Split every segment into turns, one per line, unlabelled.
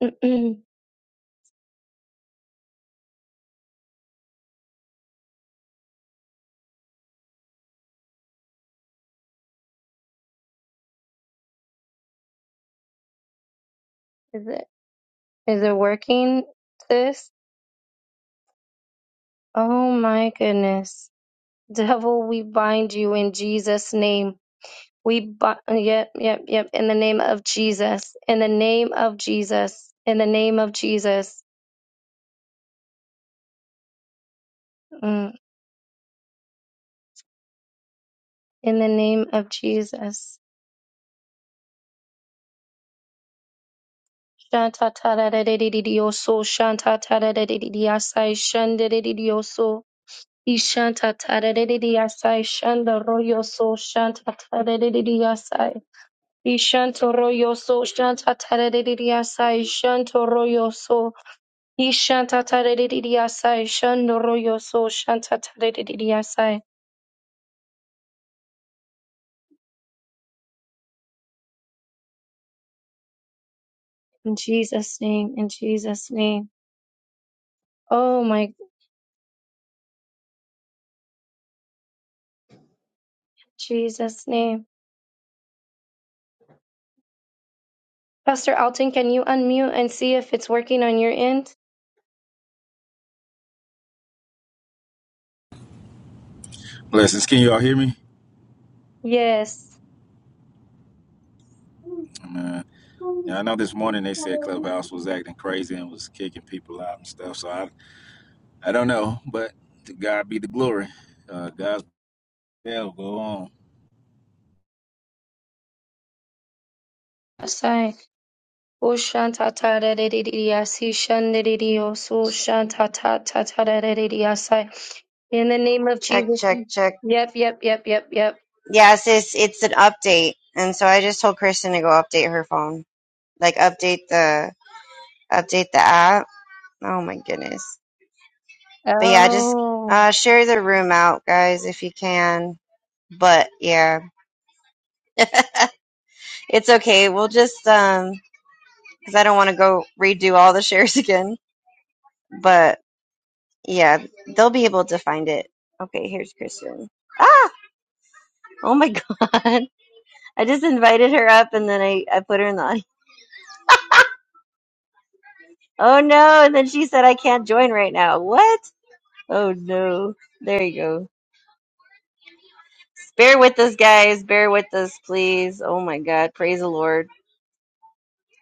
is it is it working, sis? Oh my goodness. Devil, we bind you in Jesus' name. We bind yep, yep, yep, in the name of Jesus. In the name of Jesus. In the name of Jesus. Mm. In the name of Jesus. Shanta tada da da di di di oso. Shanta tada da di di di asai. Shanda da di di oso. Ishanta tada da di di asai. Shanda royo so. Shanta tada da di di asai. Ishanto royoso, shanta taredidiasa, ishanto royoso, ishanta taredidiasa, ishando royoso, shanta taredidiasa. In Jesus' name, in Jesus' name. Oh my Jesus' name. Pastor Alton, can you unmute and see if it's working on your end?
Blessings. Can you all hear me?
Yes.
Man. Yeah, I know this morning they said Clubhouse was acting crazy and was kicking people out and stuff. So I, I don't know, but to God be the glory. Uh, God's will go on.
Asai. O shanta ta ra re re re ya si shan re re re o so shanta ta ta ta ra re re re ya sai. In the name of
Check,
Jesus.
check, check.
Yep, yep, yep, yep, yep.
Yes, it's it's an update, and so I just told Kristen to go update her phone, like update the update the app. Oh my goodness! But yeah, just
Oh.
uh, share the room out, guys, if you can. But yeah, it's okay. We'll just um, because I don't want to go redo all the shares again. But yeah, they'll be able to find it. Okay, here's Kristen. Ah! Oh my god! I just invited her up, and then I I put her in the audience. Oh no. And then she said, I can't join right now. What? Oh no. There you go. Bear with us, guys. Bear with us, please. Oh my God. Praise the Lord.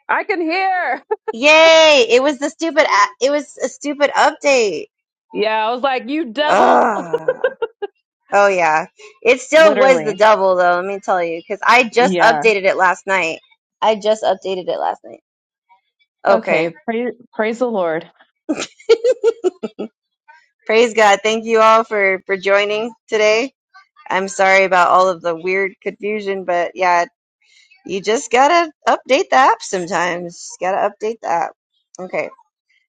I can hear.
Yay. It was the stupid, a- it was a stupid update.
Yeah, I was like, you devil.
Ugh. Oh yeah. It still was the
Literally.
double though. Let me tell you. Cause I just
Yeah.
updated it last night. I just updated it last night. Okay.
Okay. Praise, praise the Lord.
Praise God. Thank you all for, for joining today. I'm sorry about all of the weird confusion, but yeah, You just gotta update the app sometimes. Just gotta update the app. Okay,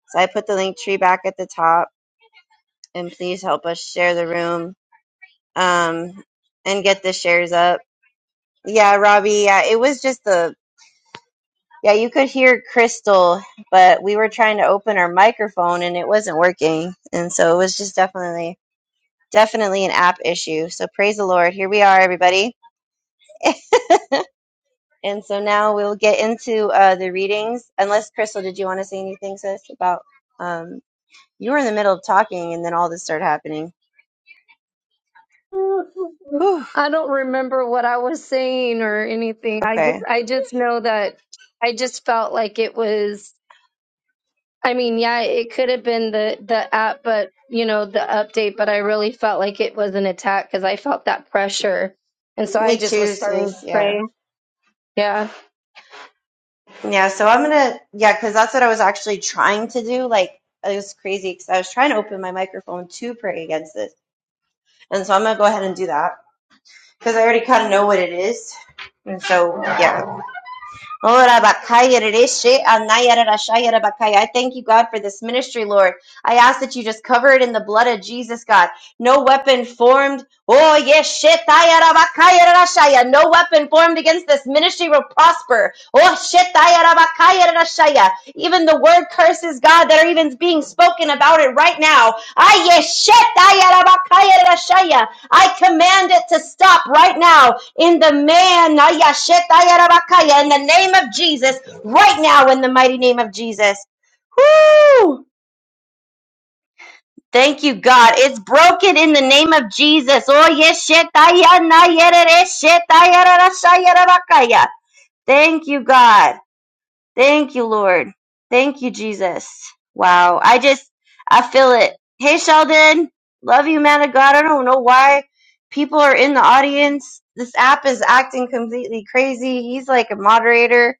so I put the link tree back at the top, and please help us share the room um, and get the shares up. Yeah, Robbie. Yeah, it was just the yeah. You could hear Crystal, but we were trying to open our microphone and it wasn't working, and so it was just definitely definitely an app issue. So praise the Lord. Here we are, everybody. And so now we'll get into uh, the readings. Unless Crystal, did you want to say anything, sis, about um, you were in the middle of talking and then all this started happening. Whew.
I don't remember what I was saying or anything. I just
Okay.
I just know that I just felt like it was I mean, yeah, it could have been the the app, but you know, the update, but I really felt like it was an attack cuz I felt that pressure. And so I
Me
just was
too,
starting
sis.
to pray.
Yeah.
Yeah.
Yeah. So I'm gonna yeah, because that's what I was actually trying to do. Like it was crazy because I was trying to open my microphone to pray against this, and so I'm gonna go ahead and do that because I already kind of know what it is. And so yeah. Ora I thank you, God, for this ministry, Lord. I ask that you just cover it in the blood of Jesus, God. No weapon formed. Oh, yes, shetaya No weapon formed against this ministry will prosper. Oh, shetaya Even the word curses, God, that are even being spoken about it right now. I yes, shetaya I command it to stop right now in the man in the name of Jesus right now in the mighty name of Jesus woo! Thank you, God. It's broken in the name of Jesus. Oh, yes, shetaya na yerere, shetaya ra ra shaya ra bakaya. Thank you, God. Thank you, Lord. Thank you, Jesus. Wow. I just, I feel it. Hey, Sheldon. Love you, man of God. I don't know why people are in the audience. This app is acting completely crazy. He's like a moderator.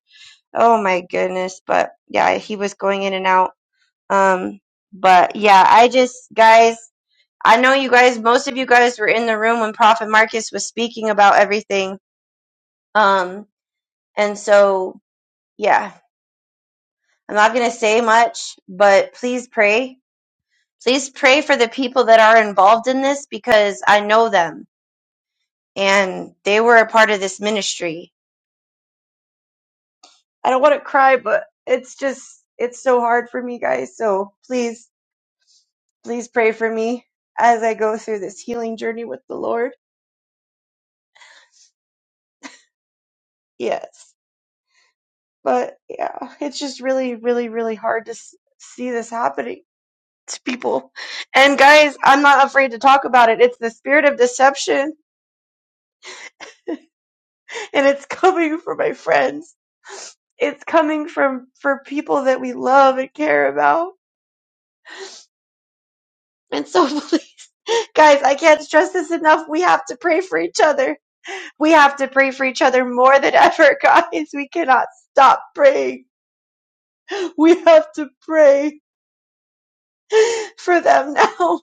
Oh my goodness. But yeah, he was going in and out. Um, but yeah, I just, guys, I know you guys, most of you guys were in the room when Prophet Marcus was speaking about everything. Um, and so, yeah, I'm not going to say much, but please pray. Please pray for the people that are involved in this because I know them and they were a part of this ministry. I don't want to cry, but it's just, it's so hard for me, guys. So please, please pray for me as I go through this healing journey with the Lord. Yes. But yeah, it's just really, really, really hard to s- see this happening to people. And guys, I'm not afraid to talk about it. It's the spirit of deception and it's coming from my friends. It's coming from for people that we love and care about. And so please guys, I can't stress this enough. We have to pray for each other. We have to pray for each other more than ever, guys. We cannot stop praying. We have to pray for them now.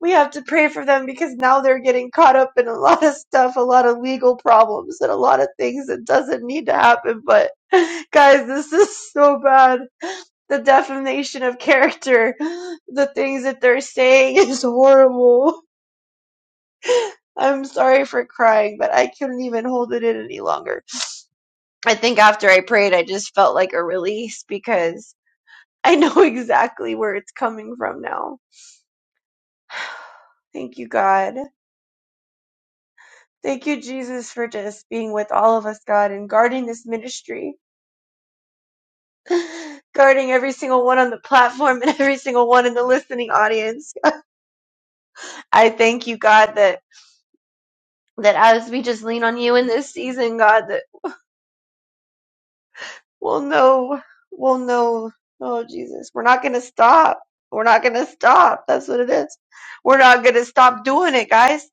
We have to pray for them because now they're getting caught up in a lot of stuff, a lot of legal problems and a lot of things that doesn't need to happen, but guys, this is so bad the defamation of character, the things that they're saying is horrible. I'm sorry for crying, but I couldn't even hold it in any longer. I think after I prayed, I just felt like a release because I know exactly where it's coming from now. Thank you, God. Thank you, Jesus, for just being with all of us, God, and guarding this ministry, guarding every single one on the platform and every single one in the listening audience. I thank you, God, that that as we just lean on you in this season, God, that we'll know, we'll know, oh Jesus, we're not going to stop. We're not going to stop. That's what it is. We're not going to stop doing it, guys.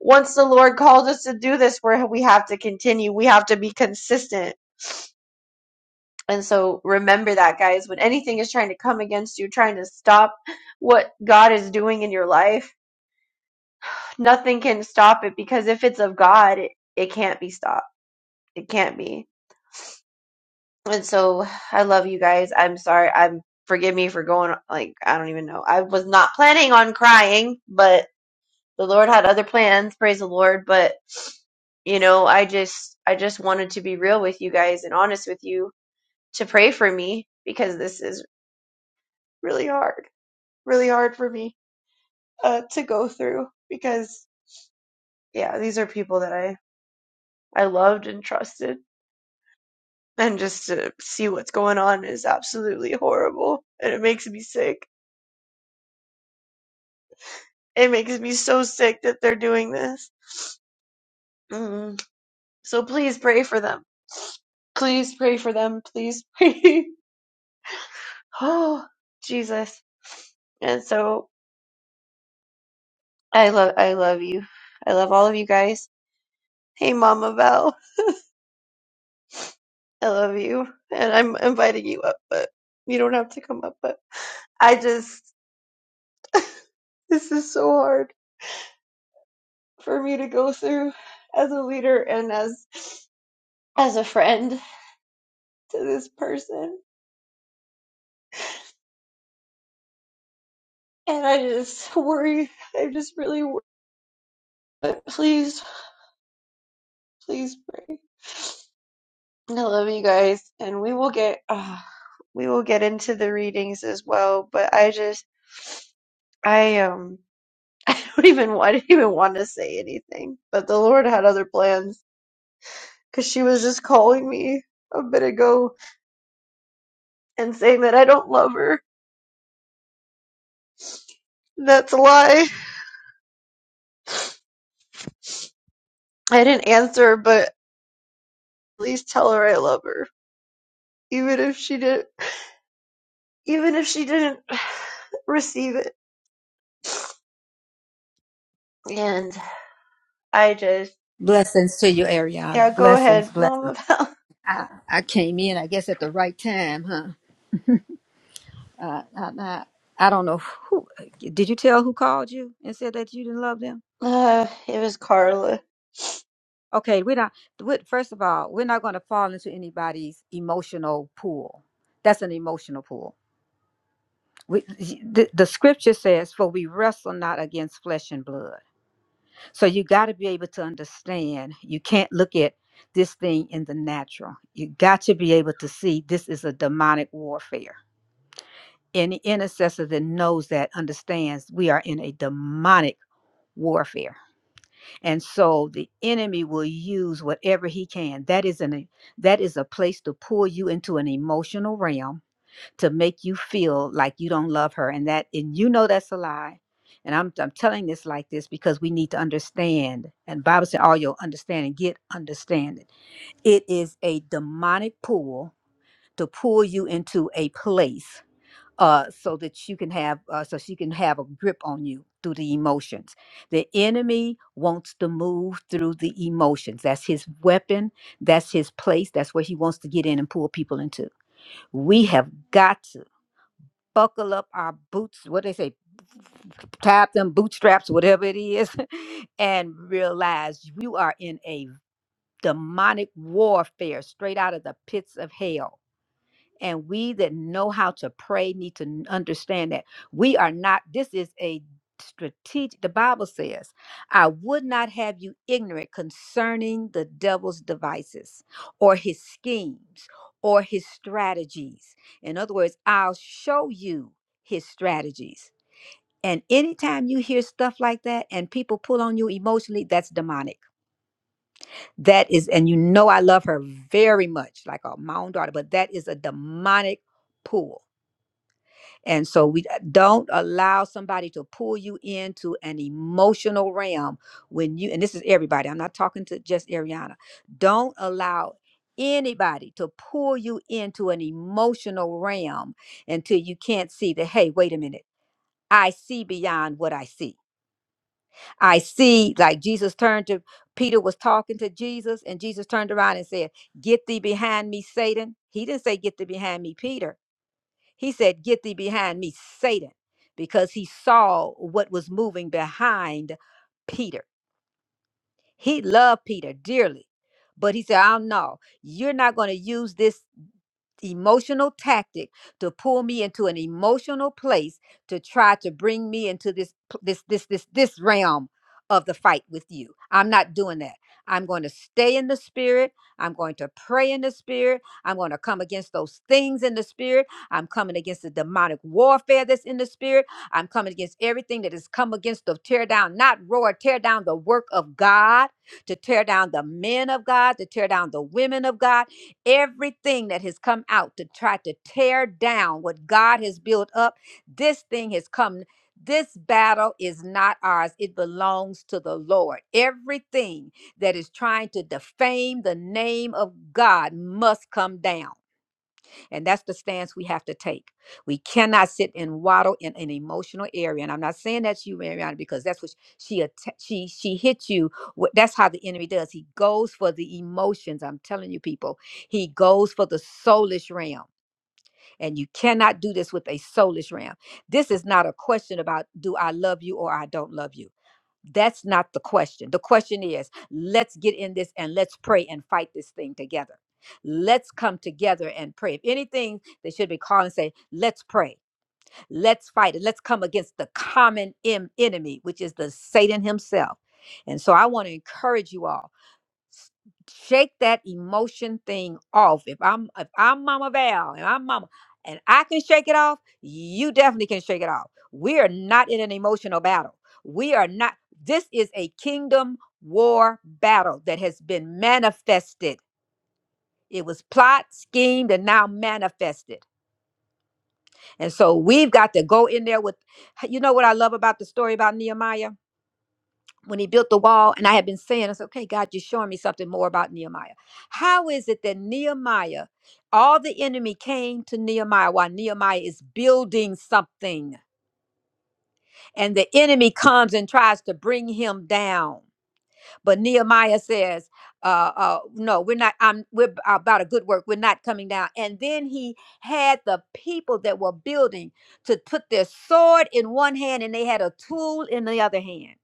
Once the Lord called us to do this, where we have to continue, we have to be consistent. And so remember that, guys, when anything is trying to come against you, trying to stop what God is doing in your life, nothing can stop it because if it's of God, it, it can't be stopped. It can't be. And so I love you guys. I'm sorry. I'm forgive me for going like I don't even know. I was not planning on crying, but the Lord had other plans. Praise the Lord. But you know, I just I just wanted to be real with you guys and honest with you to pray for me because this is really hard, really hard for me uh, to go through because yeah, these are people that I I loved and trusted. And just to see what's going on is absolutely horrible, and it makes me sick It makes me so sick that they're doing this. Mm. So please pray for them. Please pray for them. Please pray. oh, Jesus. And so I love I love you. I love all of you guys. Hey Mama Val, I love you. And I'm inviting you up, but you don't have to come up, but I just this is so hard for me to go through as a leader and as as a friend to this person. And I just worry. I just really worry. But please, please pray. I love you guys, and we will get uh, we will get into the readings as well. But I just I um I don't even I didn't even want to say anything. But the Lord had other plans because she was just calling me a bit ago and saying that I don't love her. That's a lie. I didn't answer, but at least tell her I love her, even if she didn't even if she didn't receive it. and. I just
Blessings to you,
yeah,
Ariana.
go
Blessings,
ahead,
blessings.
Mama Val.
I, I came in, I guess, at the right time, huh? Uh, I, I, I don't know who. Did you tell who called you and said that you didn't love them?
Uh, it was Carla.
Okay, we're not. we first of all, we're not going to fall into anybody's emotional pool. That's an emotional pool. We, the, the scripture says, "For we wrestle not against flesh and blood." So you got to be able to understand. You can't look at this thing in the natural. You got to be able to see this is a demonic warfare. Any intercessor that knows that understands we are in a demonic warfare. And so the enemy will use whatever he can. That is an e- that is a place to pull you into an emotional realm to make you feel like you don't love her and that and you know that's a lie and i'm, I'm telling this like this because we need to understand and bible said all your understanding get understanding it is a demonic pull to pull you into a place uh, so that you can have uh, so she can have a grip on you through the emotions the enemy wants to move through the emotions that's his weapon that's his place that's where he wants to get in and pull people into we have got to buckle up our boots, what they say, tie up them bootstraps, whatever it is, and realize you are in a demonic warfare straight out of the pits of hell and we that know how to pray need to n- understand that we are not, this is a strategic, the Bible says, I would not have you ignorant concerning the devil's devices or his schemes or his strategies. In other words, I'll show you his strategies. And anytime you hear stuff like that and people pull on you emotionally, that's demonic. That is, and you know, I love her very much, like uh, my own daughter, but that is a demonic pull and so we uh, don't allow somebody to pull you into an emotional realm when you, and this is everybody, I'm not talking to just Ariana. Don't allow anybody to pull you into an emotional realm until you can't see that, hey, wait a minute. I see beyond what I see. I see, like Jesus turned to Peter, was talking to Jesus, and Jesus turned around and said, Get thee behind me, Satan. He didn't say, Get thee behind me, Peter. He said, Get thee behind me, Satan, because he saw what was moving behind Peter. He loved Peter dearly, but he said, Oh, no, you're not going to use this emotional tactic to pull me into an emotional place to try to bring me into this p- this this this this realm of the fight with you. I'm not doing that. I'm going to stay in the spirit. I'm going to pray in the spirit. I'm going to come against those things in the spirit. I'm coming against the demonic warfare that's in the spirit. I'm coming against everything that has come against the tear down, not roar, tear down the work of God, to tear down the men of God, to tear down the women of God Everything that has come out to try to tear down what God has built up, this thing has come. This battle is not ours. It belongs to the Lord. Everything that is trying to defame the name of God must come down. And that's the stance we have to take. We cannot sit and waddle in an emotional area. And I'm not saying that's you, Mariana, because that's what she atta- she she hit you. with- That's how the enemy does. He goes for the emotions. I'm telling you, people. He goes for the soulish realm. And you cannot do this with a soulish ram. This is not a question about do I love you or I don't love you. That's not the question. The question is let's get in this and let's pray and fight this thing together. Let's come together and pray. If anything, they should be calling and say, let's pray, let's fight it, let's come against the common em- enemy, which is the Satan himself. And so I want to encourage you all s- shake that emotion thing off. If I'm if I'm Mama Val and I'm Mama and I can shake it off, you definitely can shake it off. We are not in an emotional battle. We are not. This is a kingdom war battle that has been manifested. It was plot, schemed, and now manifested. And so we've got to go in there with, you know what I love about the story about Nehemiah? when he built the wall, and I had been saying, I said, okay, God, you're showing me something more about Nehemiah. How is it that Nehemiah, all the enemy came to Nehemiah while Nehemiah is building something, and the enemy comes and tries to bring him down? But Nehemiah says, uh, uh, no, we're not, I'm, we're about a good work. We're not coming down. And then he had the people that were building to put their sword in one hand and they had a tool in the other hand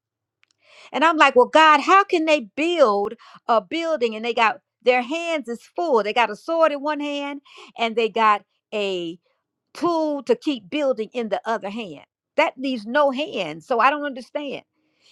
and I'm like, well, God, how can they build a building and they got their hands is full. They got a sword in one hand and they got a tool to keep building in the other hand. That leaves no hand. So I don't understand.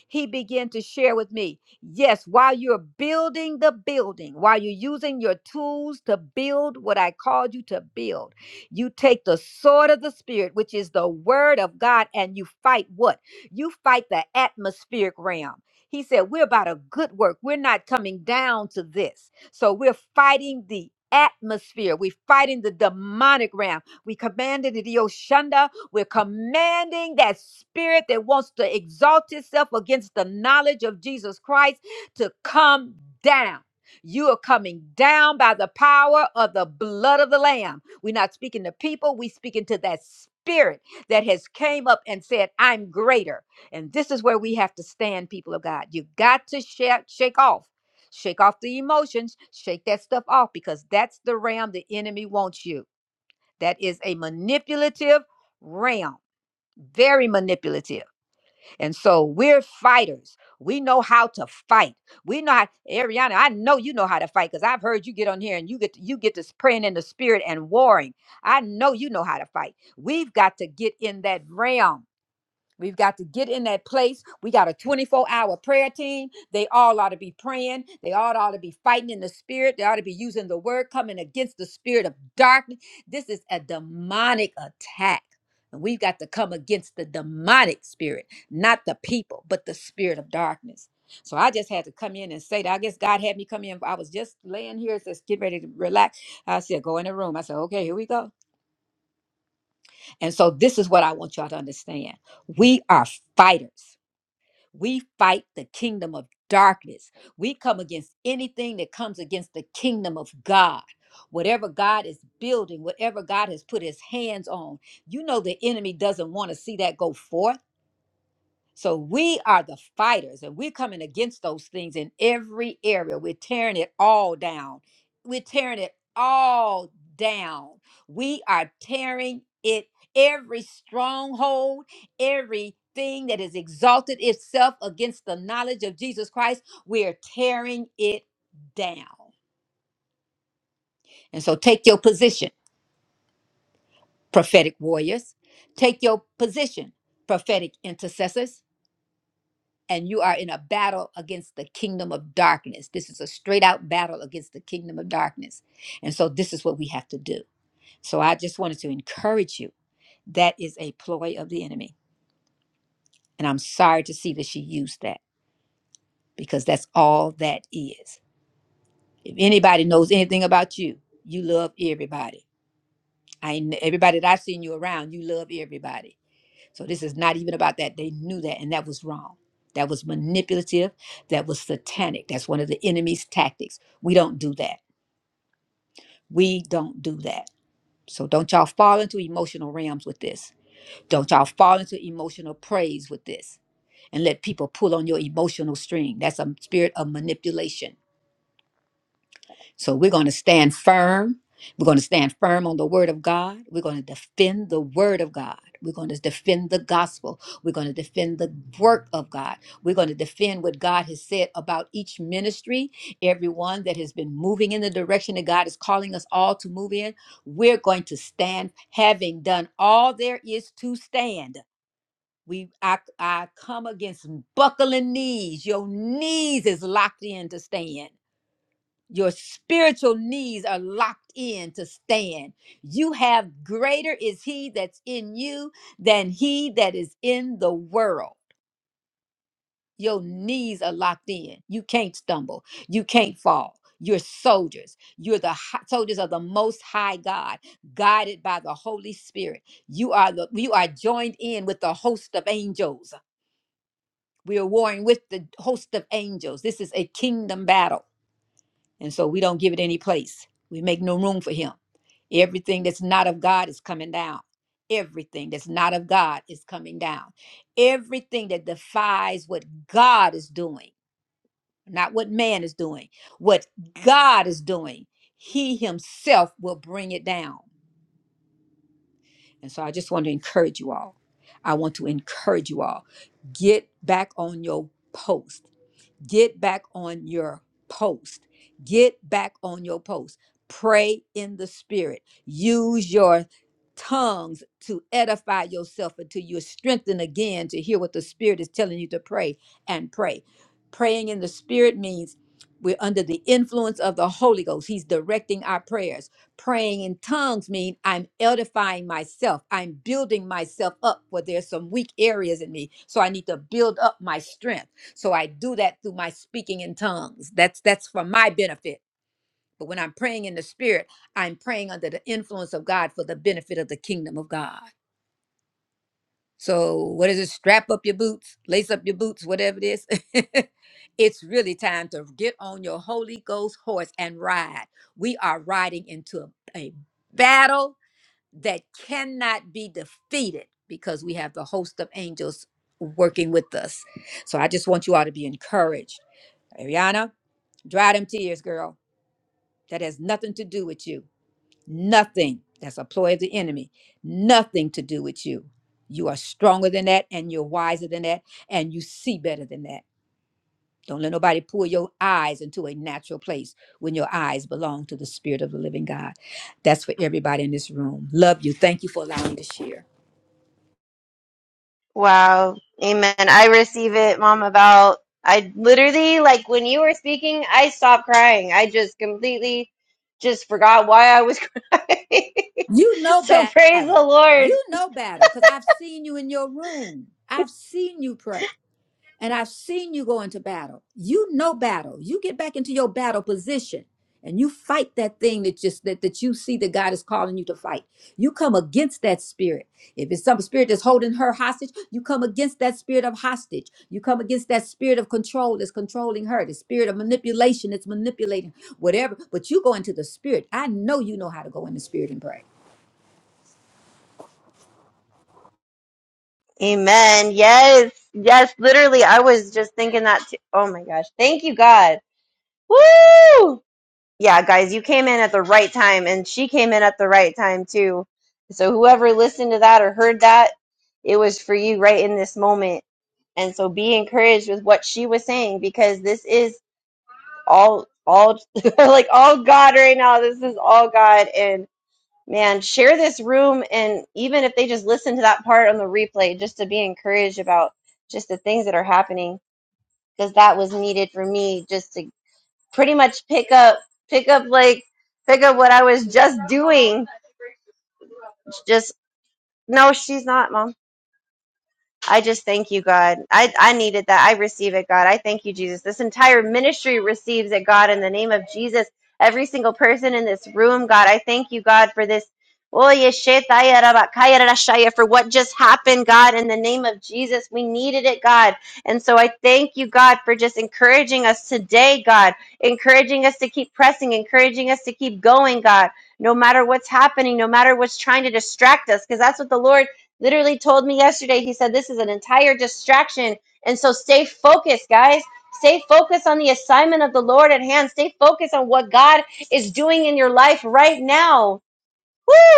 He began to share with me yes, while you're building the building, while you're using your tools to build what I called you to build, you take the sword of the Spirit, which is the word of God, and you fight what? You fight the atmospheric realm. He said, We're about a good work. We're not coming down to this. So we're fighting the atmosphere. We're fighting the demonic realm. We commanded the Oshunda. We're commanding that spirit that wants to exalt itself against the knowledge of Jesus Christ to come down. You are coming down by the power of the blood of the Lamb. We're not speaking to people, we speaking to that spirit that has came up and said, I'm greater. And this is where we have to stand, people of God. You got to shake, shake off. Shake off the emotions, shake that stuff off because that's the realm the enemy wants you. That is a manipulative realm very manipulative. And so we're fighters. We know how to fight. We know how, Ariana, I know you know how to fight because I've heard you get on here and you get you get this praying in the spirit and warring. I know you know how to fight. We've got to get in that realm We've got to get in that place. We got a 24 hour prayer team. They all ought to be praying. They all ought to be fighting in the spirit. They ought to be using the word, coming against the spirit of darkness. This is a demonic attack. And we've got to come against the demonic spirit, not the people, but the spirit of darkness. So I just had to come in and say that. I guess God had me come in. I was just laying here, just getting ready to relax. I said, go in the room. I said, okay, here we go. And so this is what I want y'all to understand. We are fighters. We fight the kingdom of darkness. We come against anything that comes against the kingdom of God. Whatever God is building, whatever God has put his hands on, you know the enemy doesn't want to see that go forth. So we are the fighters and we're coming against those things in every area. We're tearing it all down. We're tearing it all down. We are tearing it every stronghold, everything that has exalted itself against the knowledge of Jesus Christ. We are tearing it down. And so take your position, prophetic warriors. Take your position, prophetic intercessors and you are in a battle against the kingdom of darkness. This is a straight out battle against the kingdom of darkness. And so this is what we have to do. So I just wanted to encourage you that is a ploy of the enemy. And I'm sorry to see that she used that because that's all that is. If anybody knows anything about you, you love everybody. I everybody that I've seen you around, you love everybody. So this is not even about that. They knew that, and that was wrong. That was manipulative. That was satanic. That's one of the enemy's tactics. We don't do that. We don't do that. So don't y'all fall into emotional realms with this. Don't y'all fall into emotional praise with this and let people pull on your emotional string. That's a spirit of manipulation So we're going to stand firm. We're going to stand firm on the word of God. We're going to defend the word of God. We're going to defend the gospel. We're going to defend the work of God. We're going to defend what God has said about each ministry, everyone that has been moving in the direction that God is calling us all to move in. We're going to stand, having done all there is to stand. We, I, I come against buckling knees. Your knees is locked in to stand your spiritual needs are locked in to stand. You have greater is he that's in you than he that is in the world. Your knees are locked in. You can't stumble. You can't fall. You're soldiers. You're the hi- soldiers of the most high God, guided by the Holy Spirit. You are the you are joined in with the host of angels. We are warring with the host of angels. This is a kingdom battle. And so we don't give it any place. We make no room for him. Everything that's not of God is coming down. Everything that's not of God is coming down. Everything that defies what God is doing, not what man is doing, what God is doing, he himself will bring it down. And so I just want to encourage you all. I want to encourage you all. Get back on your post get back on your post. Get back on your post. Pray in the spirit. Use your tongues to edify yourself until you're strengthened again to hear what the spirit is telling you to pray and pray. Praying in the spirit means we're under the influence of the Holy Ghost. He's directing our prayers. Praying in tongues mean I'm edifying myself. I'm building myself up where there's some weak areas in me. So I need to build up my strength so I do that through my speaking in tongues. That's that's for my benefit. But when I'm praying in the spirit, I'm praying under the influence of God for the benefit of the kingdom of God. So what is it? Strap up your boots, lace up your boots, whatever it is. it's really time to get on your Holy Ghost horse and ride. We are riding into a, a battle that cannot be defeated because we have the host of angels working with us. So I just want you all to be encouraged. Ariana, Dry them tears, girl. That has nothing to do with you. Nothing. That's a ploy of the enemy. Nothing to do with you. You are stronger than that, and you're wiser than that, and you see better than that. Don't let nobody pull your eyes into a natural place when your eyes belong to the Spirit of the living God. That's for everybody in this room. Love you. Thank you for allowing me to share.
Wow. Amen. I receive it, Mama Val. I literally like when you were speaking, I stopped crying. I just completely just forgot why I was crying.
You know
so praise the
battle.
Lord.
You know battle because I've seen you in your room. I've seen you pray. And I've seen you go into battle. You know battle. You get back into your battle position and you fight that thing that just that, that you see that God is calling you to fight. You come against that spirit. If it's some spirit that's holding her hostage, you come against that spirit of hostage. You come against that spirit of control that's controlling her, the spirit of manipulation that's manipulating whatever. But you go into the spirit. I know you know how to go in the spirit and pray.
Amen. Yes. Yes, literally I was just thinking that too. Oh my gosh. Thank you God. Woo! yeah, guys, you came in at the right time, and she came in at the right time too. So whoever listened to that or heard that, it was for you right in this moment. And so be encouraged with what she was saying because this is all all like all God right now. This is all God and man, share this room and even if they just listen to that part on the replay just to be encouraged about just the things that are happening because that was needed for me just to pretty much pick up pick up like pick up what I was just doing. Just no, she's not, mom. I just thank you, God. I, I needed that. I receive it, God. I thank you, Jesus. This entire ministry receives it, God, in the name of Jesus. Every single person in this room, God, I thank you, God, for this. Oh, yeshetaya rabakaya rashaya, For what just happened, God, in the name of Jesus. We needed it, God. And so I thank you, God, for just encouraging us today, God, encouraging us to keep pressing, encouraging us to keep going, God, no matter what's happening, no matter what's trying to distract us, because that's what the Lord literally told me yesterday, he said, This is an entire distraction. And so stay focused, guys. Stay focused on the assignment of the Lord at hand. Stay focused on what God is doing in your life right now.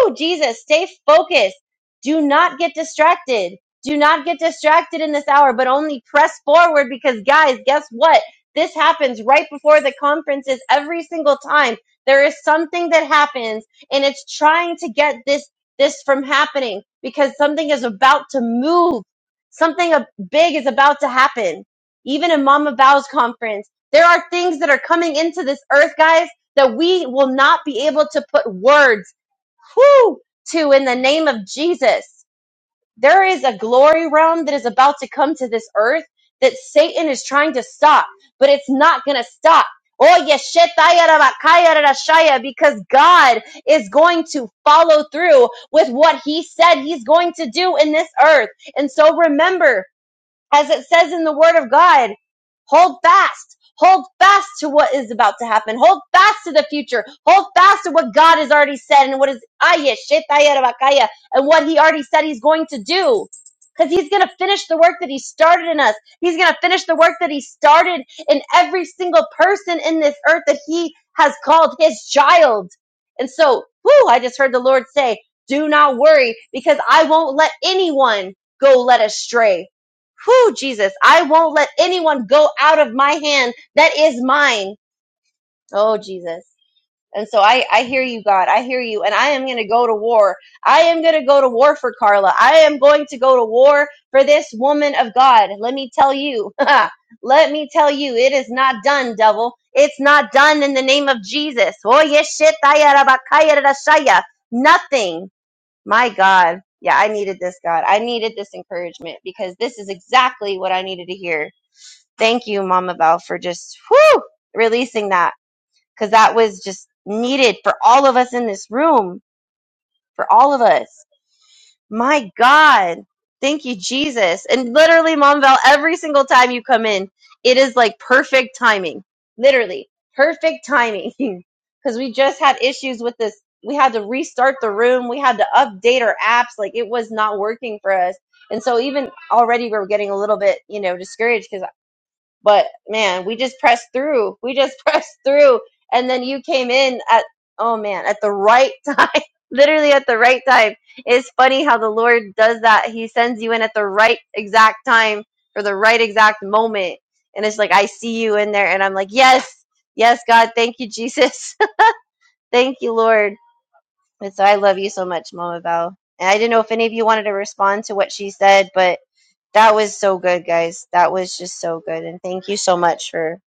Woo! Jesus, stay focused. Do not get distracted. Do not get distracted in this hour, but only press forward because, guys, guess what? This happens right before the conferences every single time. There is something that happens, and it's trying to get this this from happening because something is about to move. Something a- big is about to happen. Even in Mama Bow's conference, there are things that are coming into this earth, guys, that we will not be able to put words whew, to in the name of Jesus. There is a glory realm that is about to come to this earth that Satan is trying to stop, but it's not going to stop. Oh, yeshetayarabakayarashaya, because God is going to follow through with what he said he's going to do in this earth. And so remember, as it says in the word of God, hold fast. Hold fast to what is about to happen. Hold fast to the future. Hold fast to what God has already said and what is Aya, Shetaya, Rabakaya, and what he already said he's going to do. Because he's going to finish the work that he started in us. He's going to finish the work that he started in every single person in this earth that he has called his child. And so, whoo, I just heard the Lord say, do not worry because I won't let anyone go led astray. Whew, Jesus, I won't let anyone go out of my hand that is mine. Oh, Jesus. And so I, I hear you, God. I hear you. And I am going to go to war. I am going to go to war for Carla. I am going to go to war for this woman of God. Let me tell you. Let me tell you, it is not done, devil. It's not done in the name of Jesus. Oh, yes, shit, I, uh, Nothing. My God. Yeah, I needed this, God. I needed this encouragement because this is exactly what I needed to hear. Thank you, Mama Val, for just whew, releasing that because that was just needed for all of us in this room, for all of us. My God. Thank you, Jesus. And literally, Mom Val, every single time you come in, it is like perfect timing. Literally, perfect timing. Because we just had issues with this. We had to restart the room. We had to update our apps. Like it was not working for us. And so even already we were getting a little bit, you know, discouraged because. But man, we just pressed through. We just pressed through. And then you came in at, oh man, at the right time, literally at the right time. It's funny how the Lord does that. He sends you in at the right exact time for the right exact moment. And it's like, I see you in there. And I'm like, yes, yes, God, thank you, Jesus. thank you, Lord. And so I love you so much, Mama Val. And I didn't know if any of you wanted to respond to what she said, but that was so good, guys. That was just so good. And thank you so much for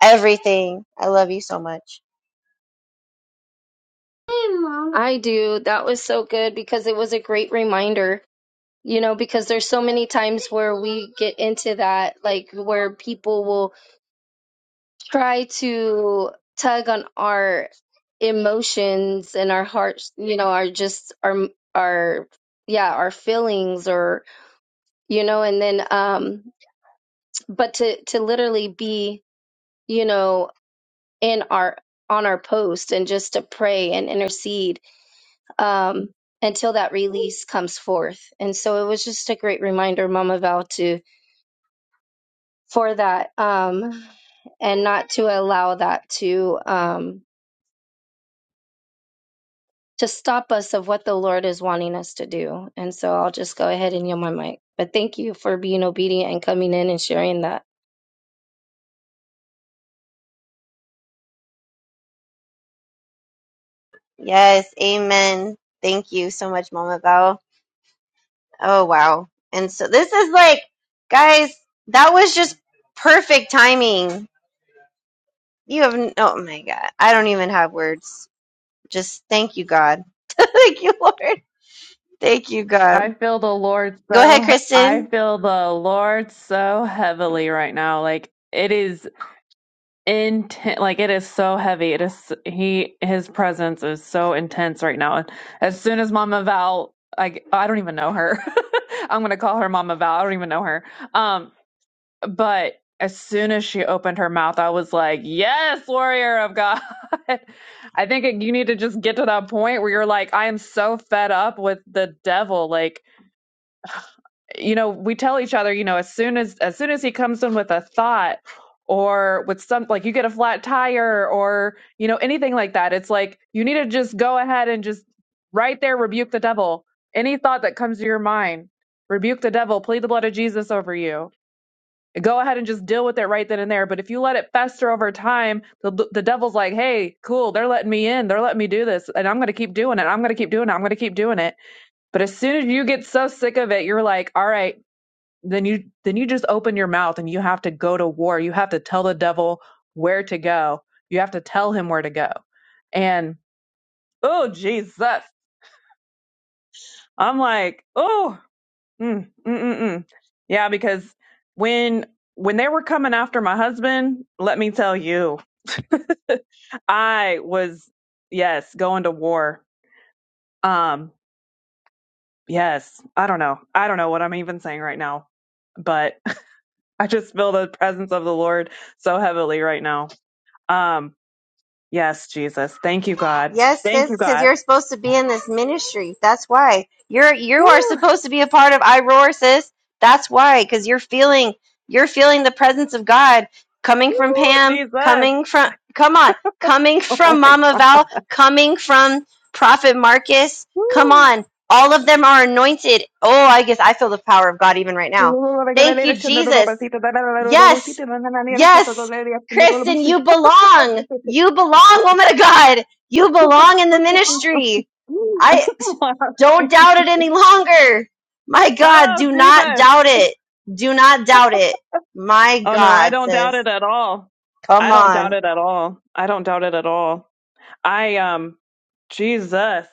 everything. I love you so much.
Hey, Mom. I do. That was so good because it was a great reminder. You know, because there's so many times where we get into that, like where people will try to tug on our emotions and our hearts, you know, our just our our yeah, our feelings or you know, and then um but to to literally be, you know, in our on our post and just to pray and intercede um, until that release comes forth. And so it was just a great reminder, Mama Val, to for that um, and not to allow that to um, to stop us of what the Lord is wanting us to do. And so I'll just go ahead and yield my mic. But thank you for being obedient and coming in and sharing that.
Yes, amen. Thank you so much, Mama Val. Oh wow. And so this is like, guys, that was just perfect timing. You have n- oh my god. I don't even have words. Just thank you, God. thank you, Lord. Thank you, God.
I feel the Lord
Go ahead,
so, I
Kristen.
feel the Lord so heavily right now. Like it is intense. Like it is so heavy. It is, he, his presence is so intense right now. And as soon as Mama Val, I, I don't even know her. I'm going to call her Mama Val. I don't even know her. Um, But as soon as she opened her mouth, I was like, Yes, warrior of God. I think it, you need to just get to that point where you're like, I am so fed up with the devil. Like, you know, we tell each other, you know, as soon as as soon as he comes in with a thought or with some like you get a flat tire or, you know, anything like that, it's like you need to just go ahead and just right there rebuke the devil. Any thought that comes to your mind, rebuke the devil, plead the blood of Jesus over you go ahead and just deal with it right then and there. But if you let it fester over time, the, the devil's like, hey, cool, they're letting me in. They're letting me do this. And I'm going to keep doing it. I'm going to keep doing it. I'm going to keep doing it. But as soon as you get so sick of it, you're like, all right, then you then you just open your mouth and you have to go to war. You have to tell the devil where to go. You have to tell him where to go. And oh Jesus. I'm like, oh, Mm, mm, mm, mm. Yeah, because when when they were coming after my husband, let me tell you, I was yes going to war. Um, yes, I don't know, I don't know what I'm even saying right now, but I just feel the presence of the Lord so heavily right now. Um, yes, Jesus, thank you, God,
Yes,
thank you,
sis, because
God.
you're supposed to be in this ministry. That's why you're you are
Woo,
supposed to be a part of I Roar, sis. That's why, because you're feeling you're feeling the presence of God coming
woo,
from Pam,
Jesus,
coming from come on, coming
oh
from
my,
Mama Val, coming from Prophet Marcus. Come
woo.
on, all of them are anointed. Oh, I guess I feel the power of God even right now.
oh,
Thank you,
Jesus.
Jesus. Yes. Yes. Kristen, you belong. You belong, woman of God. You belong in the ministry. I don't doubt it any longer. My God, do not doubt it. Do not doubt it. My
Oh, no, I
God,
don't doubt
sis.
it at all. I
Come
don't doubt
on.
it at all. I don't doubt it at all. I, um, Jesus,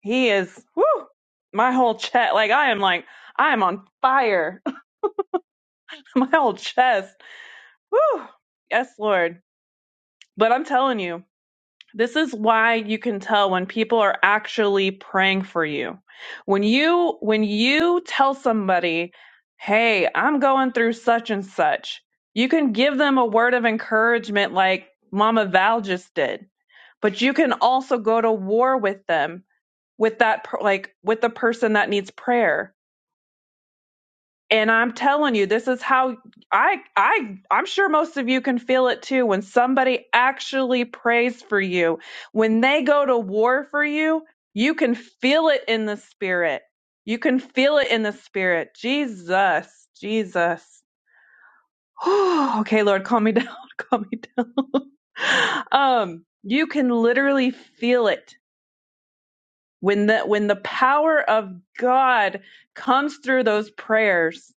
he is, whoo, my whole chest. Like, I am like, I am on fire. my whole chest. Whoo. Yes, Lord. But I'm telling you. This is why you can tell when people are actually praying for you. When you when you tell somebody, "Hey, I'm going through such and such." You can give them a word of encouragement like Mama Val just did, but you can also go to war with them with that per- like with the person that needs prayer and i'm telling you this is how i i i'm sure most of you can feel it too when somebody actually prays for you when they go to war for you you can feel it in the spirit you can feel it in the spirit jesus jesus okay lord calm me down calm me down um you can literally feel it when the when the power of god comes through those prayers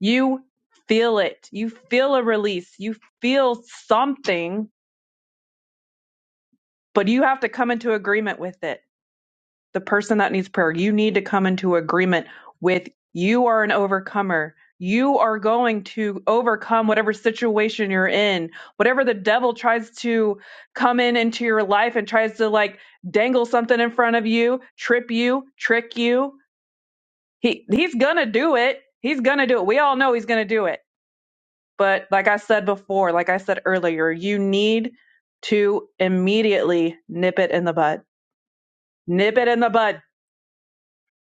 you feel it. You feel a release. You feel something, but you have to come into agreement with it. The person that needs prayer, you need to come into agreement with you are an overcomer. You are going to overcome whatever situation you're in, whatever the devil tries to come in into your life and tries to like dangle something in front of you, trip you, trick you. He he's gonna do it. He's gonna do it. We all know he's gonna do it But like I said before, like I said earlier, you need to immediately nip it in the bud. Nip it in the bud.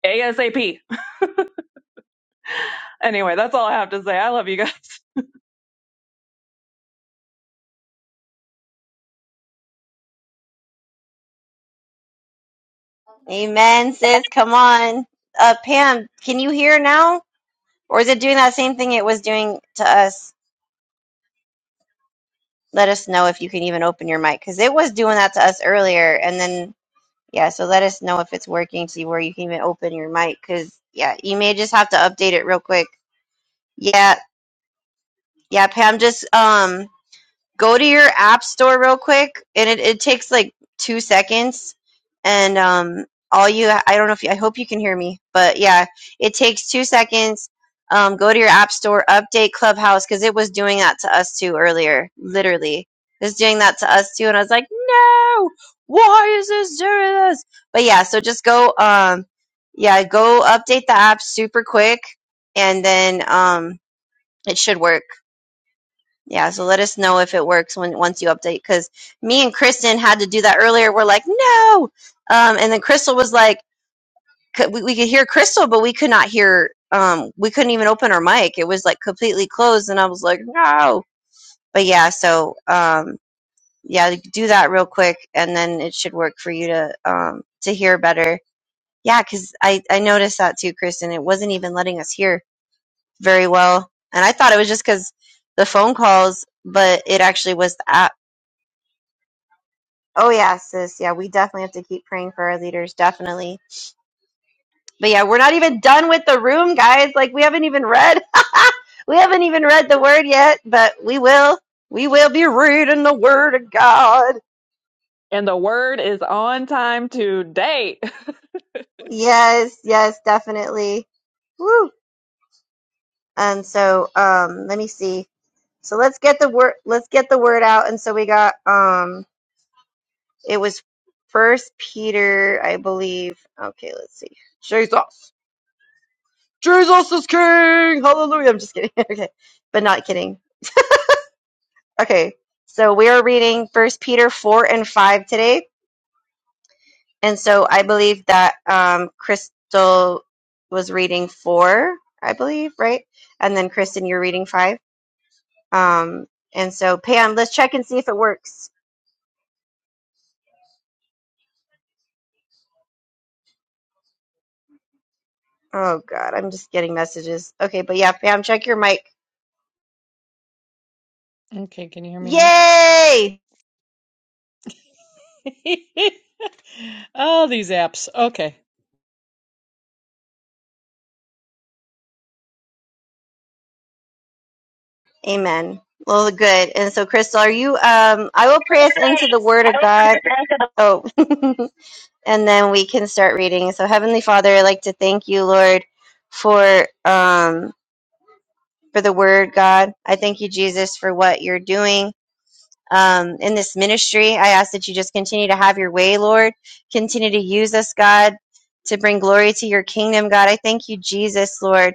ASAP. Anyway, that's all I have to say. I love you guys.
Amen, sis. Come on. Uh, Pam, can you hear now? Or is it doing that same thing it was doing to us? Let us know if you can even open your mic because it was doing that to us earlier. And then Yeah, so let us know if it's working, see where you can even open your mic, because yeah, you may just have to update it real quick. Yeah, yeah, Pam, just um go to your app store real quick and it, it takes like two seconds and um all you i don't know if you, i hope you can hear me but yeah it takes two seconds um go to your app store update clubhouse because it was doing that to us too earlier literally it was doing that to us too and i was like no why is this doing this but yeah so just go um yeah go update the app super quick and then um it should work yeah, so let us know if it works when once you update. Because me and Kristen had to do that earlier. We're like, no, um, and then Crystal was like, c- we, we could hear Crystal, but we could not hear. Um, we couldn't even open our mic. It was like completely closed, and I was like, no. But yeah, so um, yeah, do that real quick, and then it should work for you to um to hear better. Yeah, because I I noticed that too, Kristen. It wasn't even letting us hear very well, and I thought it was just because the phone calls, but it actually was the app Oh yeah, sis. Yeah, we definitely have to keep praying for our leaders, definitely. But yeah, we're not even done with the room, guys. Like we haven't even read we haven't even read the word yet, but we will. We will be reading the word of God.
And the word is on time today.
Yes, yes, definitely. Woo. And so um let me see. So let's get the word let's get the word out. And so we got um it was first Peter, I believe. Okay, let's see. Jesus. Jesus is king. Hallelujah. I'm just kidding. okay. But not kidding. Okay. So we are reading First Peter 4 and 5 today. And so I believe that um, Crystal was reading 4, I believe, right? And then Kristen, you're reading 5. Um, and so Pam, let's check and see if it works. Oh God, I'm just getting messages. Okay, but yeah, Pam, check your mic.
Okay, can you hear me now?
Yay!
Oh, these apps. Okay.
Amen. Well, good. And so, Crystal, are you? Um, I will pray us into the Word of God Oh, and then we can start reading. So, Heavenly Father, I'd like to thank you, Lord, for um, for the Word, God. I thank you, Jesus, for what you're doing um, in this ministry. I ask that you just continue to have your way, Lord. Continue to use us, God, to bring glory to your kingdom, God. I thank you, Jesus, Lord.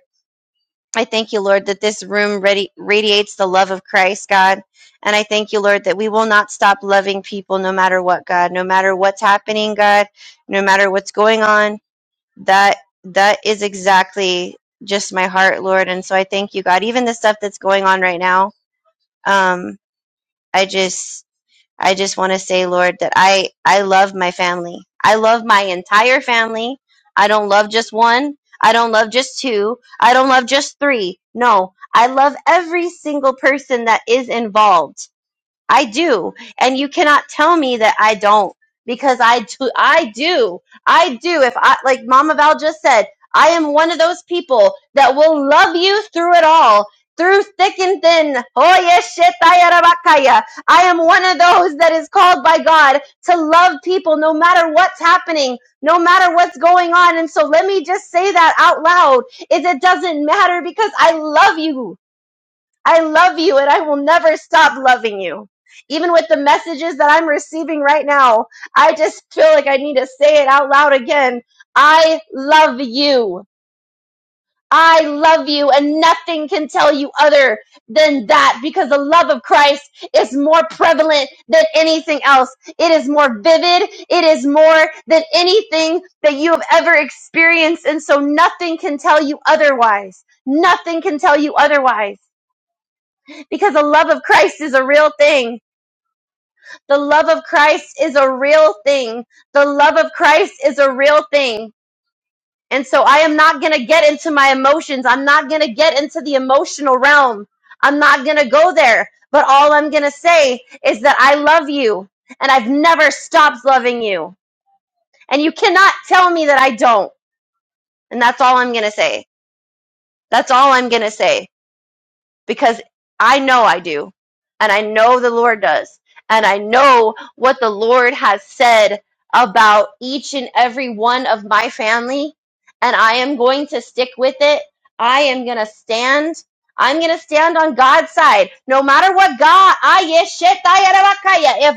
I thank you, Lord, that this room radi- radiates the love of Christ, God. And I thank you, Lord, that we will not stop loving people no matter what, God, no matter what's happening, God, no matter what's going on. That that is exactly just my heart, Lord. And so I thank you, God. Even the stuff that's going on right now, um, I just I just want to say, Lord, that I I love my family. I love my entire family. I don't love just one. I don't love just two. I don't love just three. No, I love every single person that is involved. I do. And you cannot tell me that I don't because I do. I do. I do. If I, like Mama Val just said, I am one of those people that will love you through it all, through thick and thin. Oh, yes, shetayarabakaya. I am one of those that is called by God to love people no matter what's happening, no matter what's going on. And so let me just say that out loud is it doesn't matter because I love you. I love you and I will never stop loving you. Even with the messages that I'm receiving right now, I just feel like I need to say it out loud again. I love you. I love you and nothing can tell you other than that because the love of Christ is more prevalent than anything else. It is more vivid. It is more than anything that you have ever experienced. And so nothing can tell you otherwise. Nothing can tell you otherwise because the love of Christ is a real thing. The love of Christ is a real thing. The love of Christ is a real thing. And so I am not going to get into my emotions. I'm not going to get into the emotional realm. I'm not going to go there. But all I'm going to say is that I love you and I've never stopped loving you. And you cannot tell me that I don't. And that's all I'm going to say. That's all I'm going to say. because I know I do, and I know the Lord does, and I know what the Lord has said about each and every one of my family, and I am going to stick with it. I am going to stand. I'm going to stand on God's side, no matter what God. Ah, yes, ah, yeah,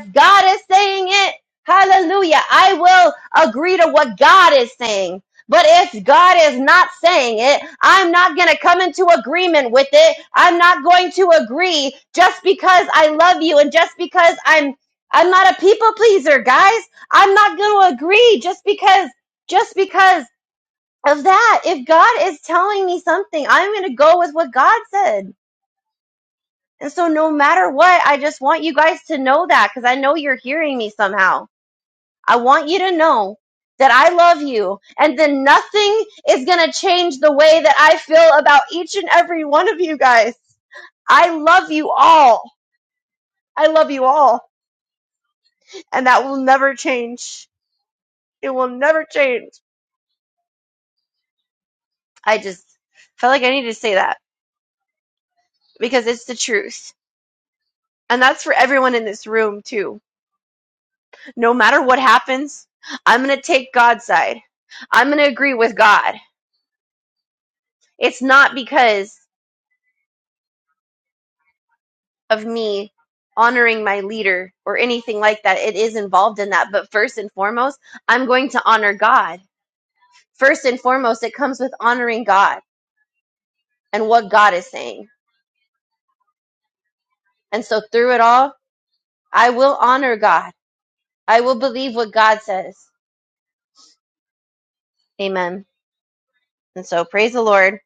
If God is saying it, hallelujah, I will agree to what God is saying. But if God is not saying it, I'm not going to come into agreement with it. I'm not going to agree just because I love you and just because I'm I'm not a people pleaser, guys. I'm not going to agree just because just because of that. If God is telling me something, I'm going to go with what God said. And so no matter what, I just want you guys to know that cuz I know you're hearing me somehow. I want you to know that I love you and then nothing is going to change the way that I feel about each and every one of you guys. I love you all. I love you all. And that will never change. It will never change. I just felt like I needed to say that because it's the truth. And that's for everyone in this room too. No matter what happens, I'm going to take God's side. I'm going to agree with God. It's not because of me honoring my leader or anything like that. It is involved in that. But first and foremost, I'm going to honor God. First and foremost, it comes with honoring God and what God is saying. And so through it all, I will honor God. I will believe what God says. Amen. And so praise the Lord.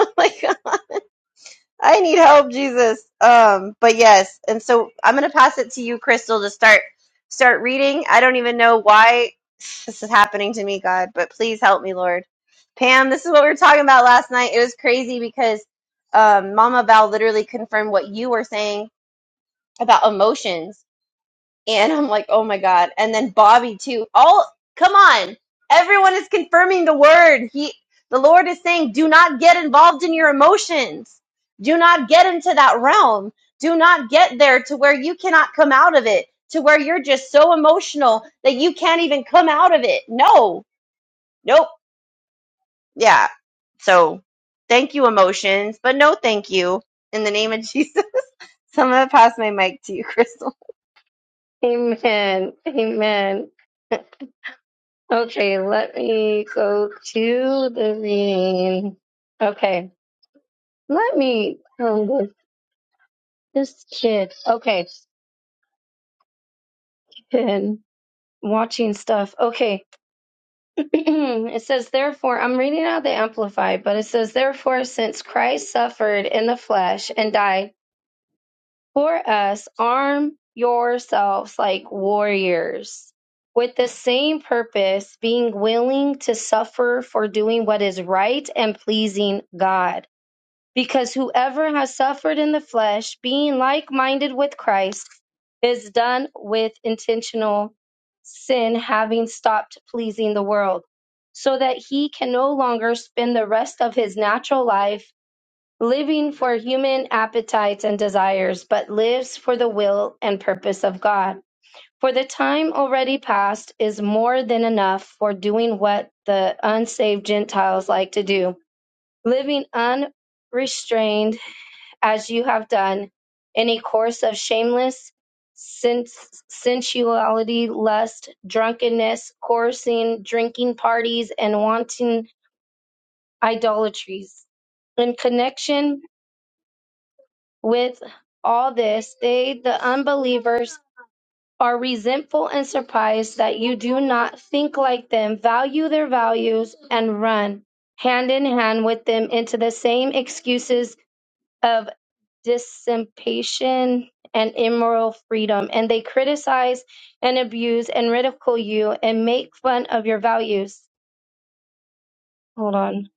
like I need help, Jesus. Um, but yes, and so I'm gonna pass it to you, Crystal, to start start reading. I don't even know why this is happening to me, God, but please help me, Lord. Pam, this is what we were talking about last night. It was crazy because um, Mama Val literally confirmed what you were saying about emotions and I'm like, oh my God. And then Bobby too. All come on. Everyone is confirming the word. He the Lord is saying, do not get involved in your emotions. Do not get into that realm. Do not get there to where you cannot come out of it, to where you're just so emotional that you can't even come out of it. No. Nope. Yeah. So thank you, emotions, but no thank you. In the name of Jesus. So I'm gonna pass my mic to you, Crystal.
Amen. Amen. Okay, let me go to the reading. Okay, let me. um, This kid. Okay. been watching stuff. Okay. it says, therefore, I'm reading out the Amplified, but it says, therefore, since Christ suffered in the flesh and died for us, arm yourselves like warriors with the same purpose, being willing to suffer for doing what is right and pleasing God. Because whoever has suffered in the flesh, being like minded with Christ, is done with intentional sin, having stopped pleasing the world, so that he can no longer spend the rest of his natural life living for human appetites and desires, but lives for the will and purpose of God. For the time already past is more than enough for doing what the unsaved Gentiles like to do, living unrestrained as you have done, any course of shameless sens- sensuality, lust, drunkenness, coercing, drinking parties, and wanton idolatries. In connection with all this, they, the unbelievers, are resentful and surprised that you do not think like them, value their values, and run hand in hand with them into the same excuses of. dissipation and immoral freedom, and they criticize and abuse and ridicule you and make fun of your values. Hold on.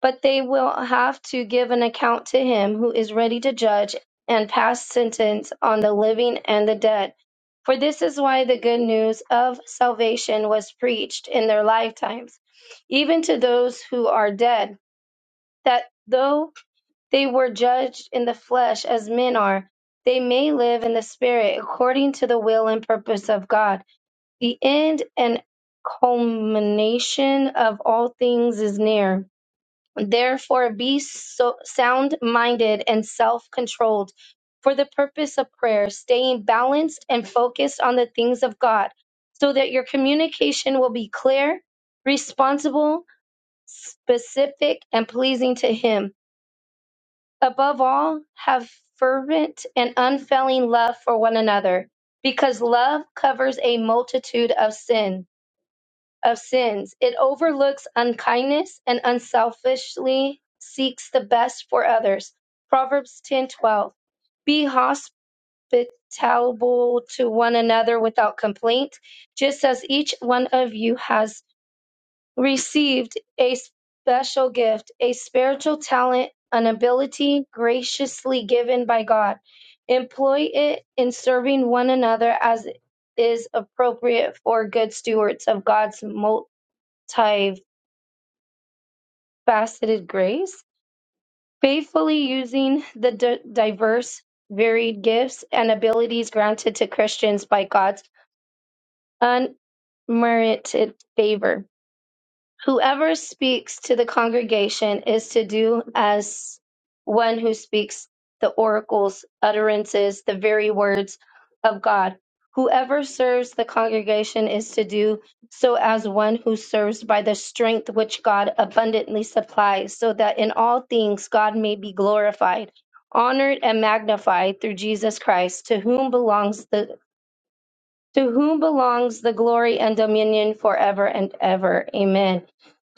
But they will have to give an account to him who is ready to judge and pass sentence on the living and the dead. For this is why the good news of salvation was preached in their lifetimes, even to those who are dead, that though they were judged in the flesh as men are. They may live in the spirit according to the will and purpose of God. The end and culmination of all things is near. Therefore, be so sound minded and self controlled for the purpose of prayer, staying balanced and focused on the things of God, so that your communication will be clear, responsible, specific, and pleasing to Him Above all, have fervent and unfailing love for one another, because love covers a multitude of sin of sins. It overlooks unkindness and unselfishly seeks the best for others. Proverbs 10:12. Be hospitable to one another without complaint, just as each one of you has received a special gift, a spiritual talent, an ability graciously given by God. Employ it in serving one another as is appropriate for good stewards of God's multifaceted grace, faithfully using the d- diverse, varied gifts and abilities granted to Christians by God's unmerited favor Whoever speaks to the congregation is to do as one who speaks the oracles, utterances, the very words of God. Whoever serves the congregation is to do so as one who serves by the strength which God abundantly supplies, so that in all things God may be glorified, honored, and magnified through Jesus Christ, to whom belongs the to whom belongs the glory and dominion forever and ever. Amen.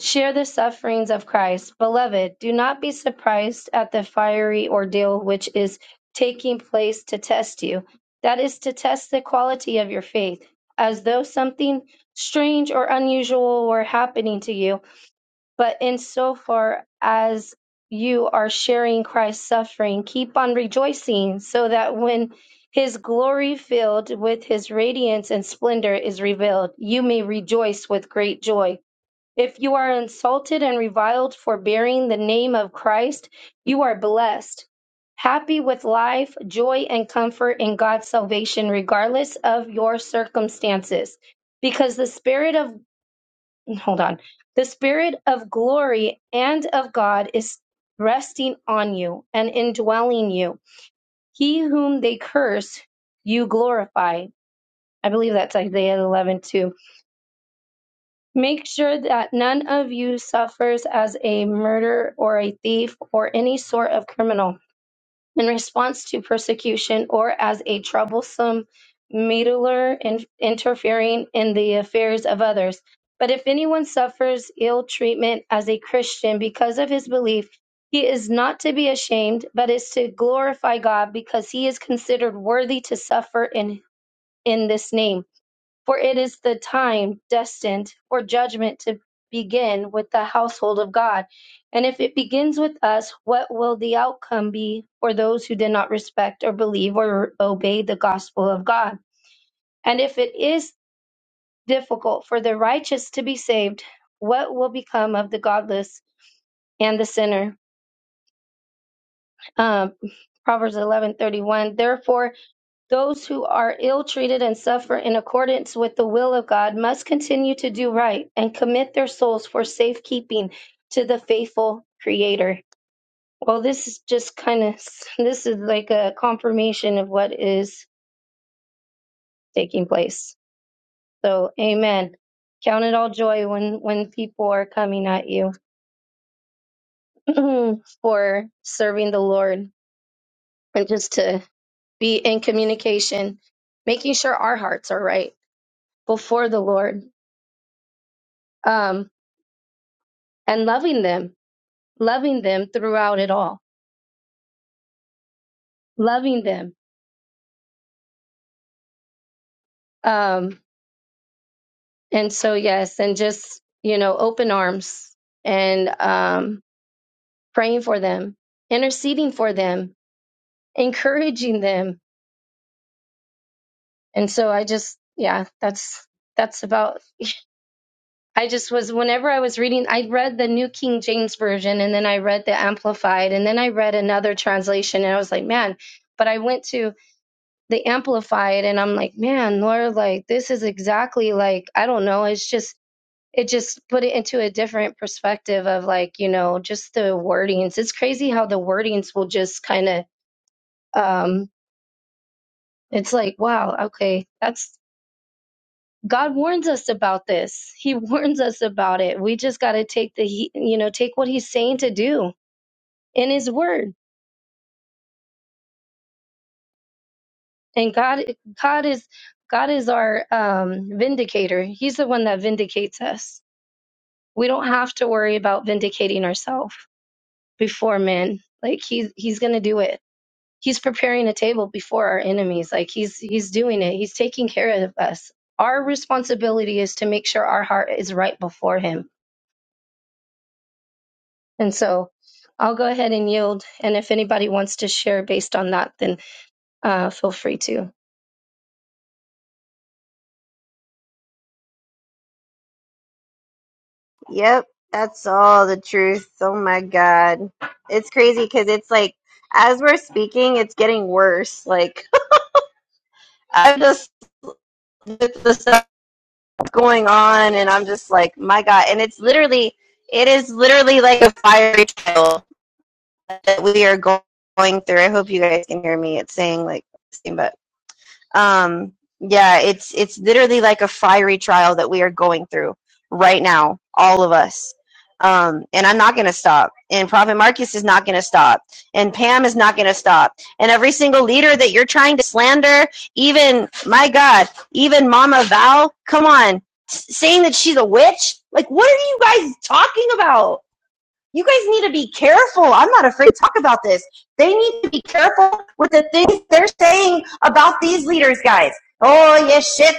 Share the sufferings of Christ. Beloved, do not be surprised at the fiery ordeal which is taking place to test you. That is to test the quality of your faith, as though something strange or unusual were happening to you. But insofar as you are sharing Christ's suffering, keep on rejoicing so that when his glory filled with his radiance and splendor is revealed, you may rejoice with great joy. If you are insulted and reviled for bearing the name of Christ, you are blessed. Happy with life, joy, and comfort in God's salvation, regardless of your circumstances. Because the Spirit of hold on. The Spirit of glory and of God is resting on you and indwelling you. He whom they curse, you glorify. I believe that's Isaiah 11 too. Make sure that none of you suffers as a murderer or a thief or any sort of criminal in response to persecution or as a troublesome meddler in, interfering in the affairs of others. But if anyone suffers ill treatment as a Christian because of his belief, he is not to be ashamed, but is to glorify God because he is considered worthy to suffer in, in this name. For it is the time destined for judgment to begin with the household of God. And if it begins with us, what will the outcome be for those who did not respect or believe or obey the gospel of God? And if it is difficult for the righteous to be saved, what will become of the godless and the sinner? Um, Proverbs eleven thirty one. Therefore, Those who are ill treated and suffer in accordance with the will of God must continue to do right and commit their souls for safekeeping to the faithful Creator. Well, this is just kind of, this is like a confirmation of what is taking place. So, amen. Count it all joy when, when people are coming at you for serving the Lord and just to be in communication, making sure our hearts are right before the Lord. Um, and loving them, loving them throughout it all, loving them. Um, and so, yes, and just, you know, open arms and um, praying for them, interceding for them, encouraging them. And so I just, yeah, that's, that's about, I just was, whenever I was reading, I read the New King James Version and then I read the Amplified and then I read another translation and I was like, man, but I went to, they amplify it and i'm like man lord like this is exactly like i don't know it's just it just put it into a different perspective of like you know just the wordings it's crazy how the wordings will just kind of um it's like wow okay that's god warns us about this he warns us about it we just got to take the he you know take what he's saying to do in his word and god god is god is our um vindicator he's the one that vindicates us we don't have to worry about vindicating ourselves before men. Like he's he's gonna do it. He's preparing a table before our enemies. Like he's he's doing it. He's taking care of us. Our responsibility is to make sure our heart is right before him. And so I'll go ahead and yield. And if anybody wants to share based on that, then uh, feel free to.
Yep, that's all the truth. Oh my God. It's crazy because it's like, as we're speaking, it's getting worse. Like, I'm just, with the stuff that's going on, and I'm just like, my God. And it's literally, it is literally like a fiery trial that we are go- going through. I hope you guys can hear me. It's saying like, Um, yeah, it's it's literally like a fiery trial that we are going through right now, all of us. Um, and I'm not going to stop. And Prophet Marcus is not going to stop. And Pam is not going to stop. And every single leader that you're trying to slander, even my God, even Mama Val, come on, saying that she's a witch. Like, what are you guys talking about? you guys need to be careful. I'm not afraid to talk about this. They need to be careful with the things they're saying about these leaders, guys. Oh, yes, shit,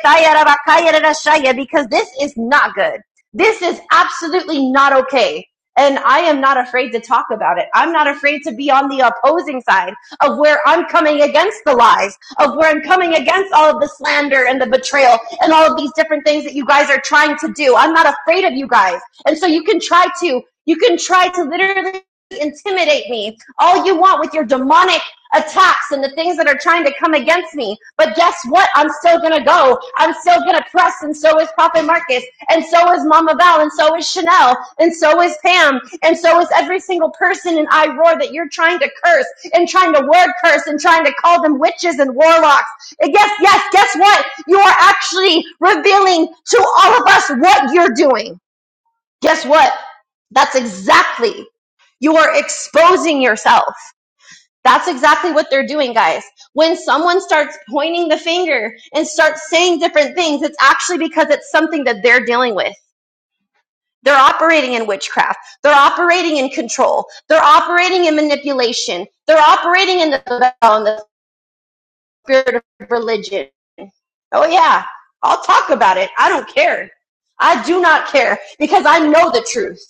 because this is not good. This is absolutely not okay. And I am not afraid to talk about it. I'm not afraid to be on the opposing side of where I'm coming against the lies, of where I'm coming against all of the slander and the betrayal and all of these different things that you guys are trying to do. I'm not afraid of you guys. And so you can try to, you can try to literally intimidate me all you want with your demonic attacks and the things that are trying to come against me. But guess what? I'm still gonna go. I'm still gonna press, and so is Prophet Marcus, and so is Mama Val, and so is Chanel, and so is Pam, and so is every single person in I Roar that you're trying to curse and trying to word curse and trying to call them witches and warlocks. And yes, yes, guess what? You are actually revealing to all of us what you're doing. Guess what? That's exactly you are exposing yourself. That's exactly what they're doing, guys. When someone starts pointing the finger and starts saying different things, it's actually because it's something that they're dealing with. They're operating in witchcraft. They're operating in control. They're operating in manipulation. They're operating in the, on the spirit of religion Oh, yeah. I'll talk about it. I don't care. I do not care because I know the truth.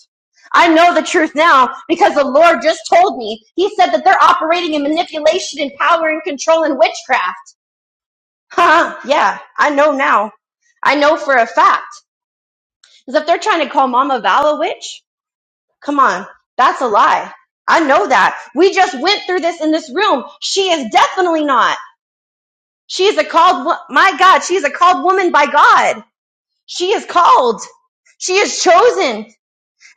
I know the truth now because the Lord just told me. He said that they're operating in manipulation and power and control and witchcraft. Huh? Yeah, I know now. I know for a fact. Because if they're trying to call Mama Val a witch, come on, that's a lie. I know that. We just went through this in this room. She is definitely not. She is a called, my God, she is a called woman by God. She is called. She is chosen.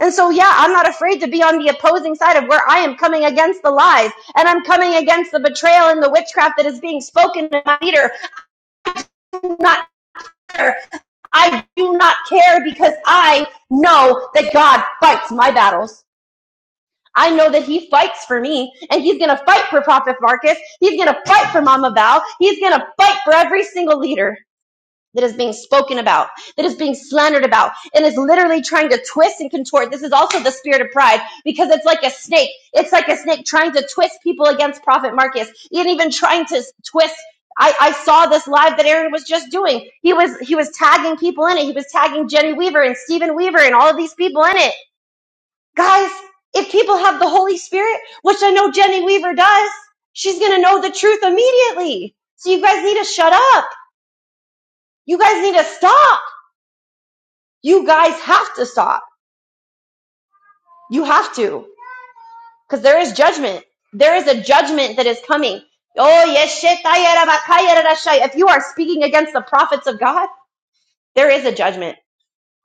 And so, yeah, I'm not afraid to be on the opposing side of where I am coming against the lies and I'm coming against the betrayal and the witchcraft that is being spoken to my leader. I'm not care. I do not care because I know that God fights my battles. I know that he fights for me and he's going to fight for Prophet Marcus. He's going to fight for Mama Val. He's going to fight for every single leader. that is being spoken about, that is being slandered about, and is literally trying to twist and contort. This is also the spirit of pride because it's like a snake. It's like a snake trying to twist people against Prophet Marcus, and even trying to twist. I, I saw this live that Aaron was just doing. He was he was tagging people in it. He was tagging Jenny Weaver and Stephen Weaver and all of these people in it. Guys, if people have the Holy Spirit, which I know Jenny Weaver does, she's gonna know the truth immediately. So you guys need to shut up. You guys need to stop. You guys have to stop. You have to. Because there is judgment. There is a judgment that is coming. Oh, yes. shit, ay, If you are speaking against the prophets of God, there is a judgment.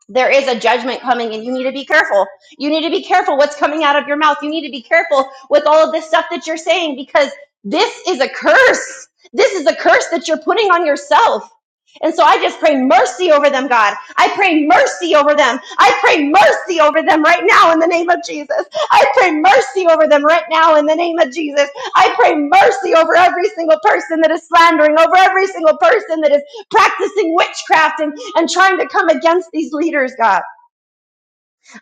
there is a judgment coming and you need to be careful. You need to be careful what's coming out of your mouth. You need to be careful with all of this stuff that you're saying because this is a curse. This is a curse that you're putting on yourself. And so I just pray mercy over them, God. I pray mercy over them. I pray mercy over them right now in the name of Jesus. I pray mercy over them right now in the name of Jesus. I pray mercy over every single person that is slandering, over every single person that is practicing witchcraft and and trying to come against these leaders, God.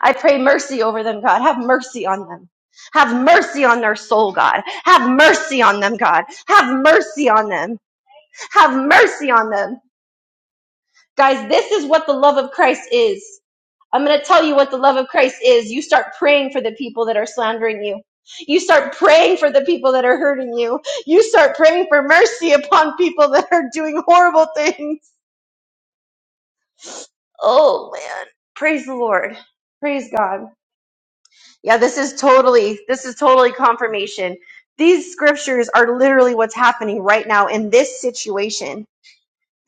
I pray mercy over them, God. Have mercy on them. Have mercy on their soul, God. Have mercy on them, God. Have mercy on them. Have mercy on them. Guys, this is what the love of Christ is. I'm going to tell you what the love of Christ is. You start praying for the people that are slandering you. You start praying for the people that are hurting you. You start praying for mercy upon people that are doing horrible things. Oh, man. Praise the Lord. Praise God. Yeah, this is totally this is totally confirmation. These scriptures are literally what's happening right now in this situation.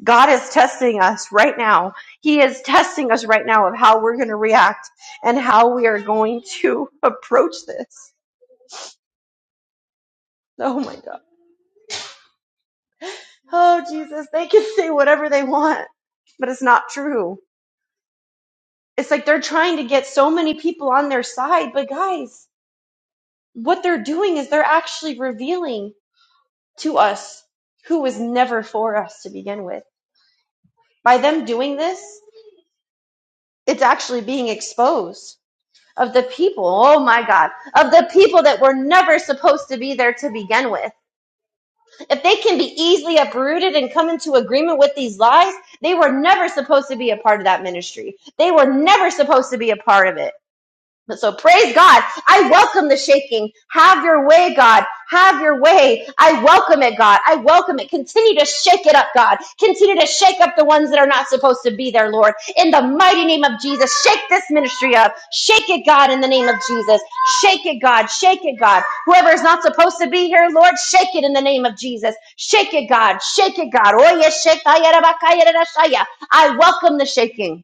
God is testing us right now. He is testing us right now of how we're going to react and how we are going to approach this. Oh my God. Oh Jesus, they can say whatever they want, but it's not true. It's like they're trying to get so many people on their side, but guys, what they're doing is they're actually revealing. to us who was never for us to begin with. By them doing this, it's actually being exposed of the people, oh my God, of the people that were never supposed to be there to begin with. If they can be easily uprooted and come into agreement with these lies, they were never supposed to be a part of that ministry. They were never supposed to be a part of it. But so praise God. I welcome the shaking. Have your way, God. Have your way. I welcome it, God. I welcome it. Continue to shake it up, God. Continue to shake up the ones that are not supposed to be there, Lord. In the mighty name of Jesus, shake this ministry up. Shake it, God, in the name of Jesus. Shake it, God. Shake it, God. Whoever is not supposed to be here, Lord, shake it in the name of Jesus. Shake it, God. Shake it, God. Oye, shekaya, rabakaya, rarashaya. I welcome the shaking.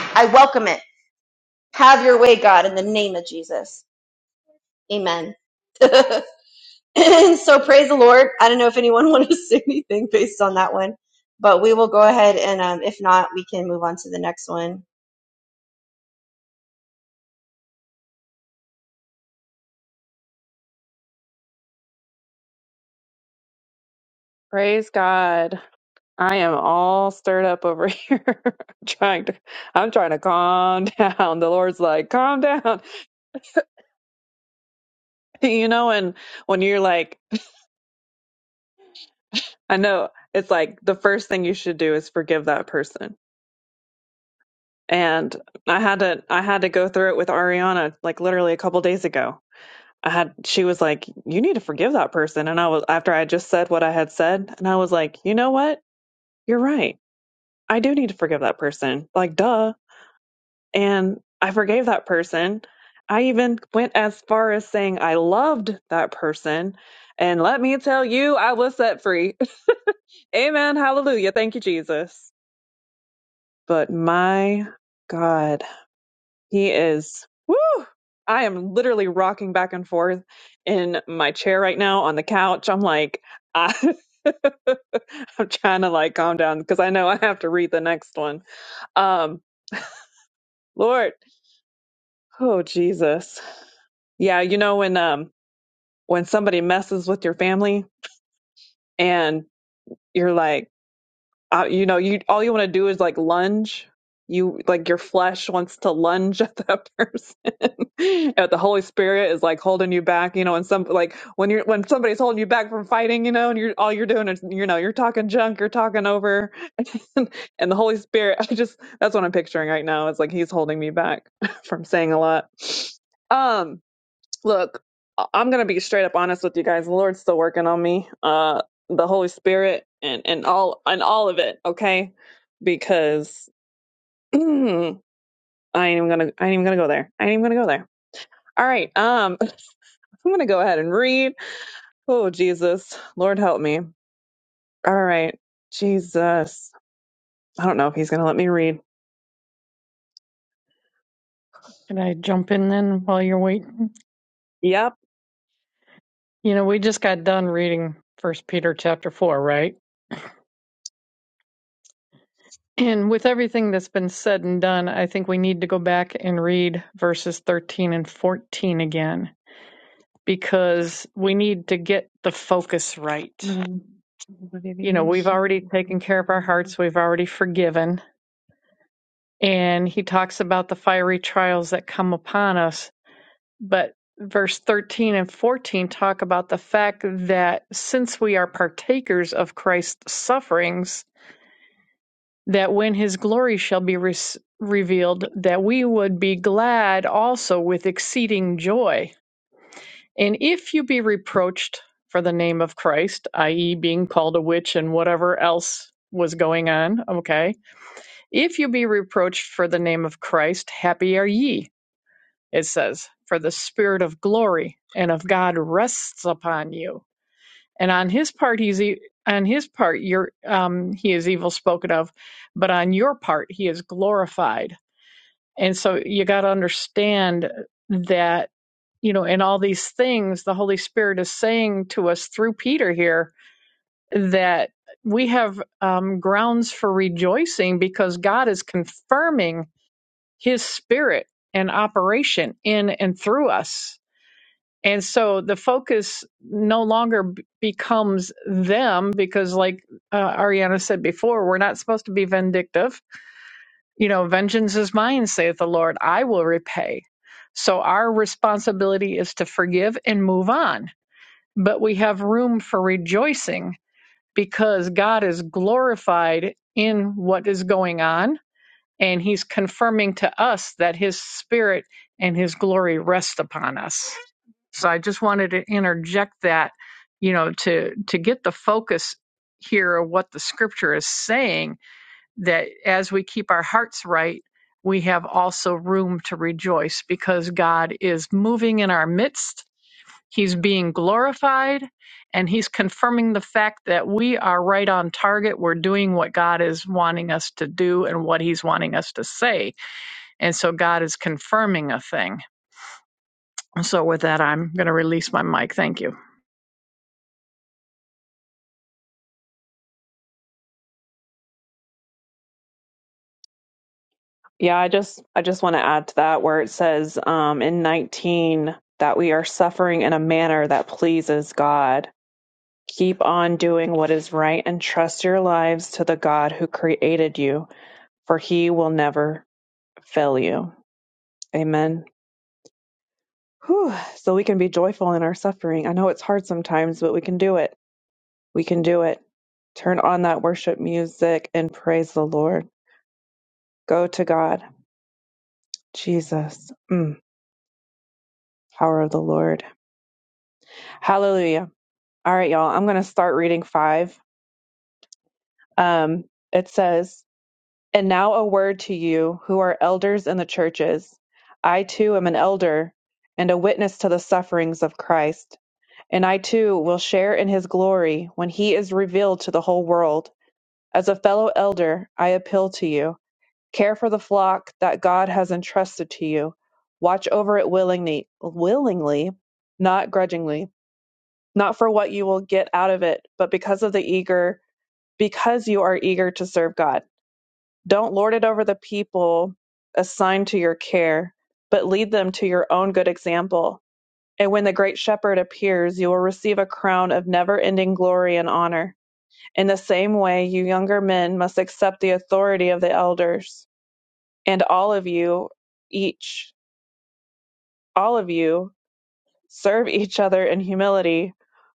I welcome it. Have your way, God, in the name of Jesus. Amen. And so praise the Lord. I don't know if anyone wanted to say anything based on that one, but we will go ahead and um, if not, we can move on to the next one.
Praise God. I am all stirred up over here. trying to I'm trying to calm down. The Lord's like, calm down. You know, and when you're like, I know it's like the first thing you should do is forgive that person and I had to I had to go through it with Ariana like literally a couple days ago. I had she was like, "You need to forgive that person," and I was after I just said what I had said, and I was like, "You know what? You're right. I do need to forgive that person. Like, duh." And I forgave that person. I even went as far as saying I loved that person. And let me tell you, I was set free. Amen. Hallelujah. Thank you, Jesus. But my God, He is. Woo! I am literally rocking back and forth in my chair right now on the couch. I'm like, I, I'm trying to like calm down because I know I have to read the next one. Um, Lord, oh Jesus, yeah. You know when um when somebody messes with your family and you're like uh, you know, you all you want to do is like lunge. You like your flesh wants to lunge at that person. at the Holy Spirit is like holding you back, you know. And some like when you're when somebody's holding you back from fighting, you know, and you're all you're doing is you know you're talking junk, you're talking over, and the Holy Spirit. I just that's what I'm picturing right now. It's like he's holding me back from saying a lot. Um, Look, I- I'm gonna be straight up honest with you guys. The Lord's still working on me. Uh, the Holy Spirit and and all and all of it. Okay, because I ain't even gonna I ain't even gonna go there. I ain't even gonna go there. All right. Um, I'm gonna go ahead and read. Oh Jesus, Lord help me. All right, Jesus. I don't know if He's gonna let me read.
Can I jump in then while you're waiting?
Yep.
You know, we just got done reading First Peter chapter four, right? And with everything that's been said and done, I think we need to go back and read verses 13 and 14 again because we need to get the focus right. You know, we've already taken care of our hearts, we've already forgiven. And he talks about the fiery trials that come upon us but verse 13 and 14 talk about the fact that since we are partakers of Christ's sufferings, that when his glory shall be re- revealed, that we would be glad also with exceeding joy. And if you be reproached for the name of Christ, i.e., being called a witch and whatever else was going on, okay, if you be reproached for the name of Christ, happy are ye it says, For the spirit of glory and of God rests upon you. And on his part, he's e- on his part, you're, um, he is evil spoken of, but on your part, he is glorified. And so you got to understand that, you know, in all these things, the Holy Spirit is saying to us through Peter here that we have um, grounds for rejoicing because God is confirming his spirit and operation in and through us and so the focus no longer b- becomes them because, like uh, Ariana said before, we're not supposed to be vindictive. You know, vengeance is mine, saith the Lord, I will repay. So our responsibility is to forgive and move on. But we have room for rejoicing because God is glorified in what is going on and he's confirming to us that his spirit and his glory rest upon us so i just wanted to interject that you know to to get the focus here of what the scripture is saying that as we keep our hearts right we have also room to rejoice because god is moving in our midst He's being glorified and he's confirming the fact that we are right on target. We're doing what God is wanting us to do and what he's wanting us to say. And so God is confirming a thing. So with that, I'm going to release my mic. Thank you.
Yeah, I just I just want to add to that where it says um, in 19 that we are suffering in a manner that pleases God. Keep on doing what is right and trust your lives to the God who created you, for he will never fail you. Amen. Whew. So we can be joyful in our suffering. I know it's hard sometimes, but we can do it. We can do it. Turn on that worship music and praise the Lord. Go to God. Jesus. Mm. Power of the Lord. Hallelujah. All right, y'all. I'm going to start reading five. Um, it says, And now a word to you who are elders in the churches. I too am an elder and a witness to the sufferings of Christ. And I too will share in his glory when he is revealed to the whole world. As a fellow elder, I appeal to you. Care for the flock that God has entrusted to you. Watch over it willingly, willingly, not grudgingly, not for what you will get out of it, but because of the eager because you are eager to serve God. Don't lord it over the people assigned to your care, but lead them to your own good example. And when the great shepherd appears, you will receive a crown of never ending glory and honor. In the same way, you younger men must accept the authority of the elders, and all of you, each, all of you, serve each other in humility,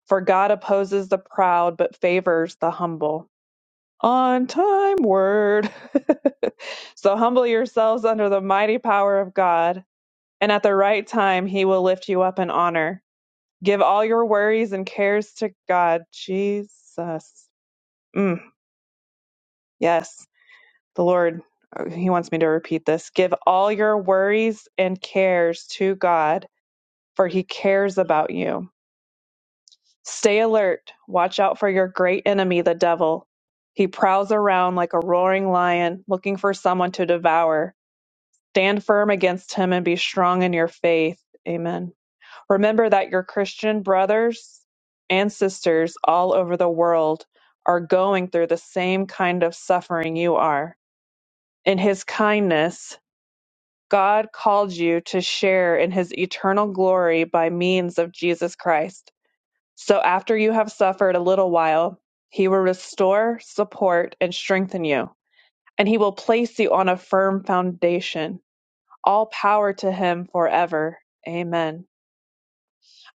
for God opposes the proud but favors the humble. on time word. so humble yourselves under the mighty power of God, and at the right time he will lift you up in honor. Give all your worries and cares to God. Jesus. Mm, yes, the Lord, oh, he wants me to repeat this. Give all your worries and cares to God, for he cares about you. Stay alert. Watch out for your great enemy, the devil. He prowls around like a roaring lion, looking for someone to devour. Stand firm against him and be strong in your faith. Amen. Remember that your Christian brothers and sisters all over the world are going through the same kind of suffering you are. In his kindness, God called you to share in his eternal glory by means of Jesus Christ. So after you have suffered a little while, he will restore, support, and strengthen you, and he will place you on a firm foundation all power to him forever. Amen.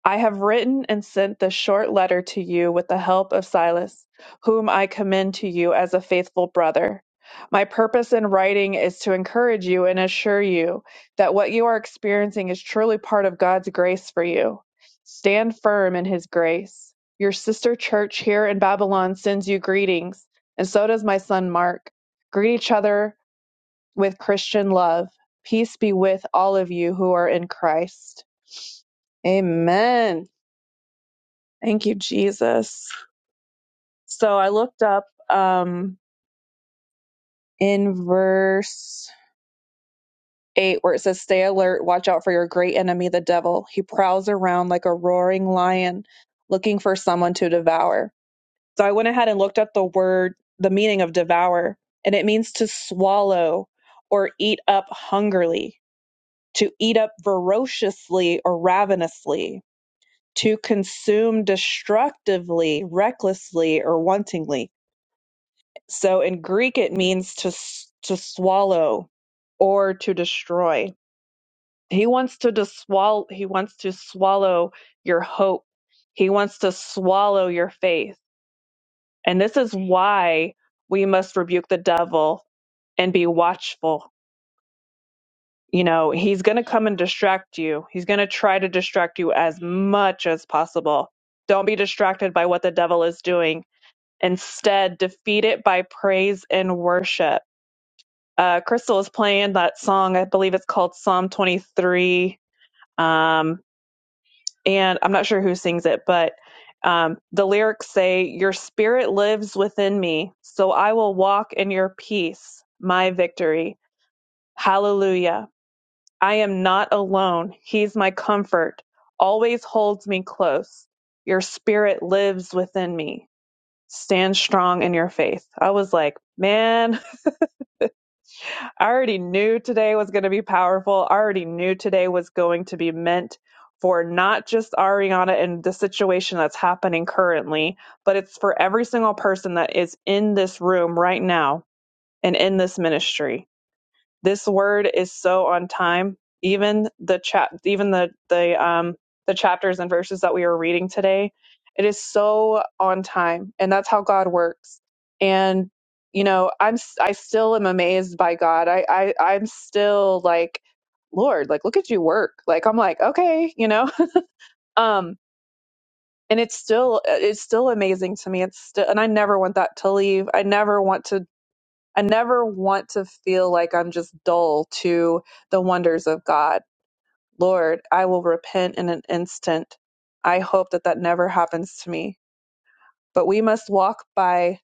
I have written and sent this short letter to you with the help of Silas, whom I commend to you as a faithful brother. My purpose in writing is to encourage you and assure you that what you are experiencing is truly part of God's grace for you. Stand firm in his grace. Your sister church here in Babylon sends you greetings, and so does my son Mark. Greet each other with Christian love. Peace be with all of you who are in Christ. Amen. Thank you, Jesus. So I looked up um, in verse 8 where it says, Stay alert, watch out for your great enemy, the devil. He prowls around like a roaring lion looking for someone to devour. So I went ahead and looked up the word, the meaning of devour, and it means to swallow or eat up hungrily. to eat up voraciously or ravenously, to consume destructively, recklessly, or wantingly. So in Greek, it means to s- to swallow or to destroy. He wants to dis- swal- He wants to swallow your hope. He wants to swallow your faith. And this is why we must rebuke the devil and be watchful you know, he's going to come and distract you. He's going to try to distract you as much as possible. Don't be distracted by what the devil is doing. Instead, defeat it by praise and worship. Uh, Crystal is playing that song. I believe it's called Psalm 23. Um, and I'm not sure who sings it, but um, the lyrics say, Your spirit lives within me, so I will walk in your peace, my victory. Hallelujah. I am not alone. He's my comfort, always holds me close. Your spirit lives within me. Stand strong in your faith. I was like, man, I already knew today was going to be powerful. I already knew today was going to be meant for not just Ariana and the situation that's happening currently, but it's for every single person that is in this room right now and in this ministry this word is so on time. Even the chap, even the the um the chapters and verses that we are reading today, it is so on time, and that's how God works. And you know, I'm s- I still am amazed by God. I I I'm still like, Lord, like look at you work. Like I'm like, okay, you know, um, and it's still it's still amazing to me. It's still, and I never want that to leave. I never want to I never want to feel like I'm just dull to the wonders of God. Lord, I will repent in an instant. I hope that that never happens to me. But we must walk by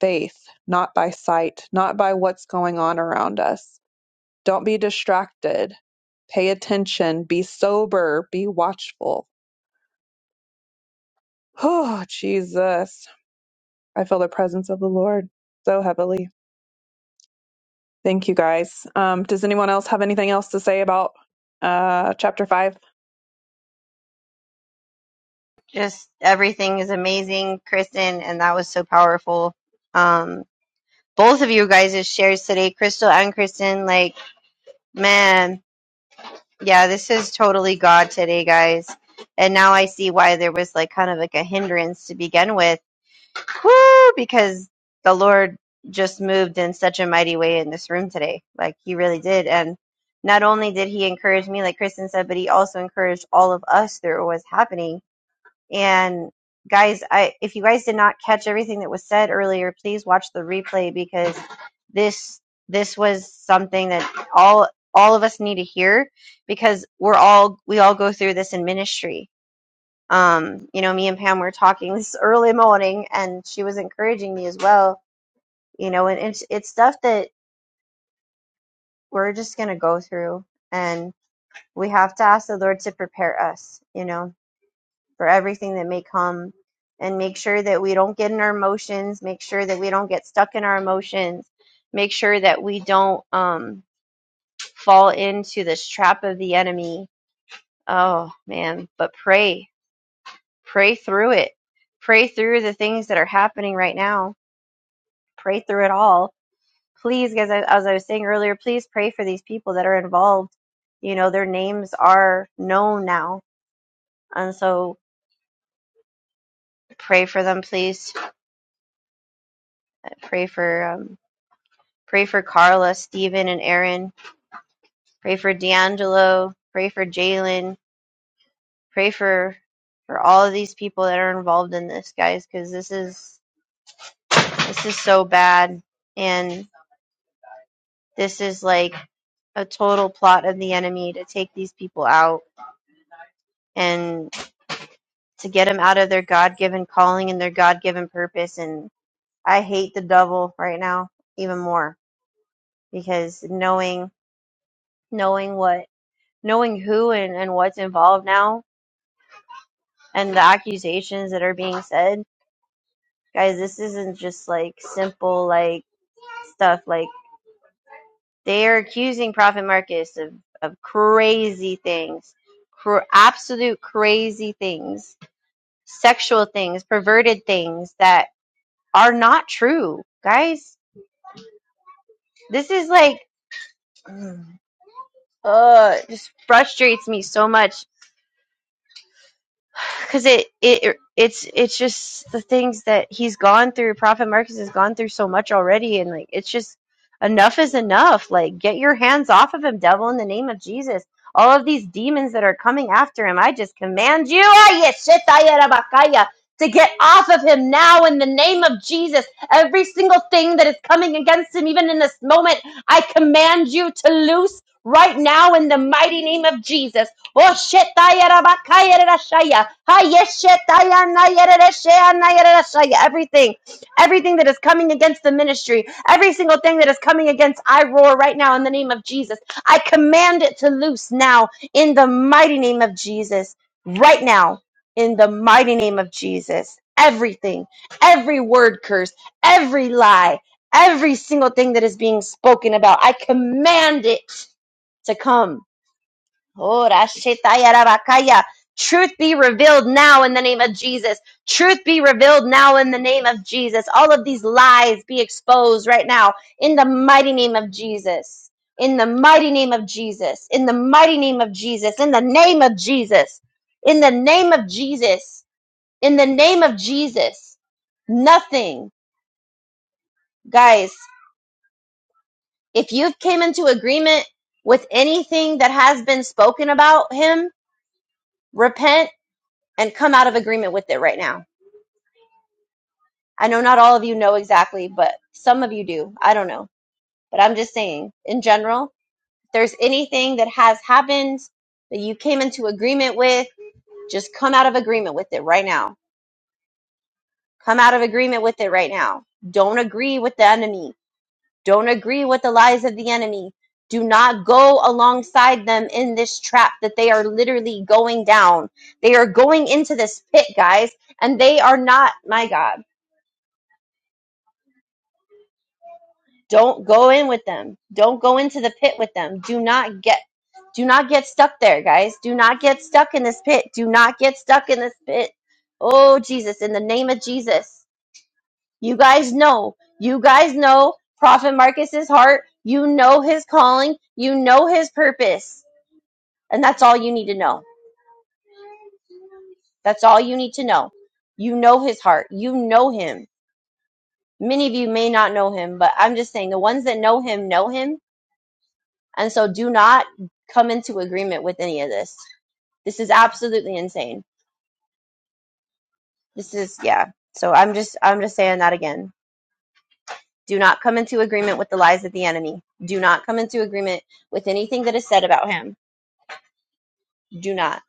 faith, not by sight, not by what's going on around us. Don't be distracted. Pay attention. Be sober. Be watchful. Oh, Jesus. I feel the presence of the Lord so heavily. Thank you, guys. Um, does anyone else have anything else to say about uh, chapter five?
Just everything is amazing, Kristen, and that was so powerful. Um, both of you guys' shares today, Crystal and Kristen, like man, yeah, this is totally God today, guys. And now I see why there was like kind of like a hindrance to begin with Whoo! Because the Lord just moved in such a mighty way in this room today. Like he really did. And not only did he encourage me, like Kristen said, but he also encouraged all of us through what was happening. And guys, I if you guys did not catch everything that was said earlier, please watch the replay because this this was something that all all of us need to hear because we're all we all go through this in ministry um, you know, me and Pam were talking this early morning, and she was encouraging me as well. You know, and it's it's stuff that we're just gonna go through, and we have to ask the Lord to prepare us, you know, for everything that may come, and make sure that we don't get in our emotions, make sure that we don't get stuck in our emotions, make sure that we don't um, fall into this trap of the enemy. Oh man, but pray, pray through it, pray through the things that are happening right now pray through it all. Please, guys, as I was saying earlier, please pray for these people that are involved. You know, their names are known now, and so pray for them, please. Pray for um, pray for Carla, Stephen, and Aaron. Pray for D'Angelo. Pray for Jalen. Pray for for all of these people that are involved in this, guys, because this is this is so bad, and this is like a total plot of the enemy to take these people out and. to get them out of their God given calling and their God given purpose. And I hate the devil right now even more because knowing knowing what knowing who and, and what's involved now and the accusations that are being said, guys, this isn't just like simple like stuff. Like they are accusing Prophet Marcus of, of crazy things. cr- Absolute crazy things, sexual things, perverted things that are not true, guys This is like, uh, just frustrates me so much. because it it it's it's just the things that he's gone through. Prophet Marcus has gone through so much already, and like it's just enough is enough. Like get your hands off of him, devil, in the name of Jesus. All of these demons that are coming after him, I just command you, ah, yes, shetaya rabakaya, to get off of him now in the name of Jesus. Every single thing that is coming against him, even in this moment, I command you to loose right now in the mighty name of Jesus. Oh, shetaya rabakaya shetayarabakayarashaya. Hi, yes, shetayanayarashaya. Everything, everything that is coming against the ministry, every single thing that is coming against I roar right now in the name of Jesus, I command it to loose now in the mighty name of Jesus. Right now, in the mighty name of Jesus. Everything, every word curse, every lie, every single thing that is being spoken about, I command it to come Oh, Rashetaya Rabakaya. Truth be revealed now in the name of Jesus. Truth be revealed now in the name of Jesus. All of these lies be exposed right now in the mighty name of Jesus. In the mighty name of Jesus. In the mighty name of Jesus. In the name of Jesus. In the name of Jesus. In the name of Jesus. Nothing, guys. If you've came into agreement with anything that has been spoken about him, repent and come out of agreement with it right now. I know not all of you know exactly, but some of you do. I don't know. But I'm just saying, in general, if there's anything that has happened that you came into agreement with, just come out of agreement with it right now. Come out of agreement with it right now. Don't agree with the enemy. Don't agree with the lies of the enemy. Do not go alongside them in this trap that they are literally going down. They are going into this pit, guys, and they are not, my God. Don't go in with them. Don't go into the pit with them. Do not get do not get stuck there, guys. Do not get stuck in this pit. Do not get stuck in this pit. Oh Jesus, in the name of Jesus. You guys know. You guys know Prophet Marcus's heart. You know his calling. You know his purpose. And that's all you need to know. That's all you need to know. You know his heart. You know him. Many of you may not know him, but I'm just saying the ones that know him know him And so do not come into agreement with any of this. This is absolutely insane. This is yeah. So I'm just I'm just saying that again. Do not come into agreement with the lies of the enemy. Do not come into agreement with anything that is said about him. Do not.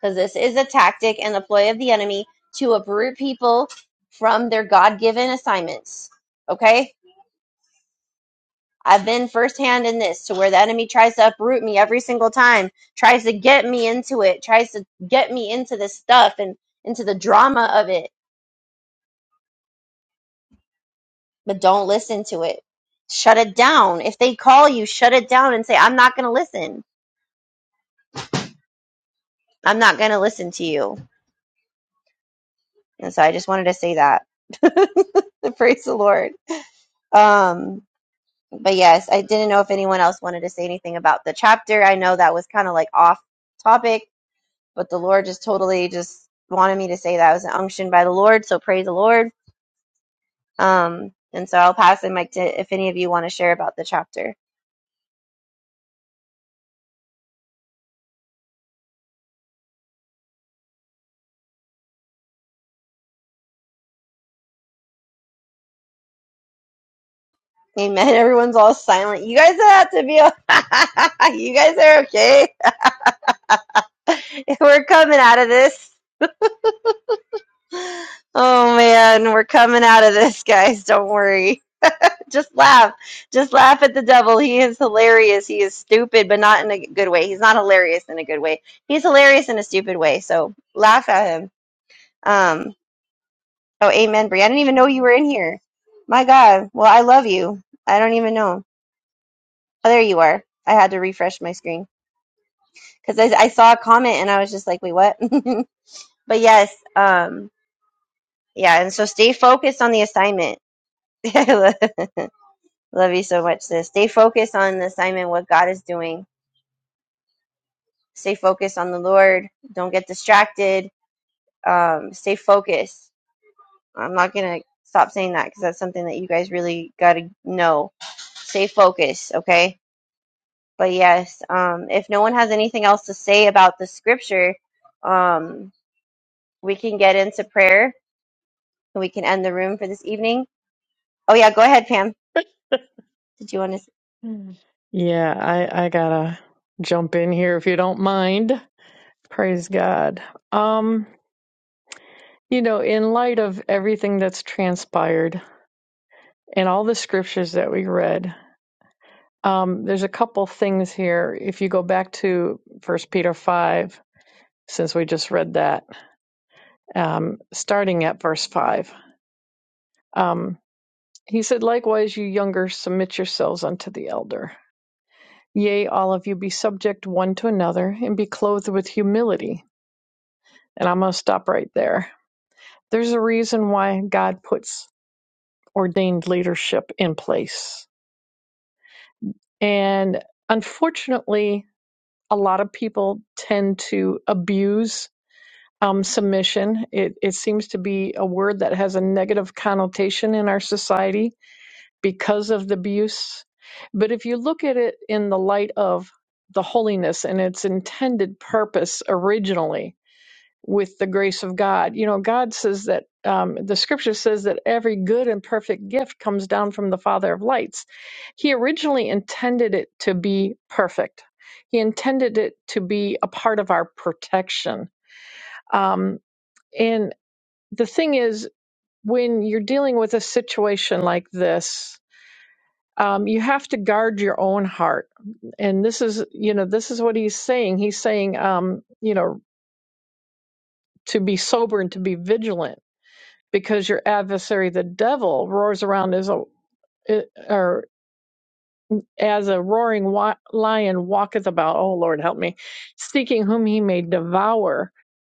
Because this is a tactic and a ploy of the enemy to uproot people from their God given assignments. Okay? I've been firsthand in this to where the enemy tries to uproot me every single time, tries to get me into it, tries to get me into this stuff and into the drama of it. But don't listen to it. Shut it down. If they call you, shut it down and say, I'm not going to listen. I'm not going to listen to you. And so I just wanted to say that. Praise the Lord. Um, but yes, I didn't know if anyone else wanted to say anything about the chapter. I know that was kind of like off topic but the Lord just totally just wanted me to say that I was an unction by the Lord. So praise the Lord. Um, and so I'll pass the mic to if any of you want to share about the chapter. Amen. Everyone's all silent. You guys don't have to be. you guys are okay. We're coming out of this. Oh man, we're coming out of this, guys. Don't worry. Just laugh. Just laugh at the devil. He is hilarious. He is stupid, but not in a good way. He's not hilarious in a good way. He's hilarious in a stupid way. So laugh at him. Um, Oh, amen, Brie. I didn't even know you were in here. My God. Well, I love you. I don't even know. Oh, there you are. I had to refresh my screen because I, I saw a comment and I was just like, wait, what? but yes, um, yeah. And so stay focused on the assignment. I lo- love you so much, sis. Stay focused on the assignment, what God is doing. Stay focused on the Lord. Don't get distracted. Um, stay focused. I'm not going to stop saying that because that's something that you guys really got to know. Stay focused, okay? But yes, um, if no one has anything else to say about the scripture, um, we can get into prayer and we can end the room for this evening. Oh yeah, go ahead, Pam. Did you want to?
Mm. Yeah, I I gotta jump in here if you don't mind. Praise God. Um, you know, in light of everything that's transpired and all the scriptures that we read, um, there's a couple things here. If you go back to First Peter five, since we just read that, um, starting at verse five, um, he said, "Likewise, you younger, submit yourselves unto the elder." Yea, all of you be subject one to another, and be clothed with humility, And I'm going to stop right there. There's a reason why God puts ordained leadership in place. And unfortunately, a lot of people tend to abuse um, submission. It, it seems to be a word that has a negative connotation in our society because of the abuse. But if you look at it in the light of the holiness and its intended purpose originally, with the grace of God. You know, God says that um, the scripture says that every good and perfect gift comes down from the Father of lights. He originally intended it to be perfect, He intended it to be a part of our protection. Um, and the thing is, when you're dealing with a situation like this, um, you have to guard your own heart. And this is, you know, this is what he's saying. He's saying, um, you know, to be sober and to be vigilant because your adversary, the devil, roars around as a or as a roaring wa- lion walketh about. Oh Lord, help me, seeking whom he may devour.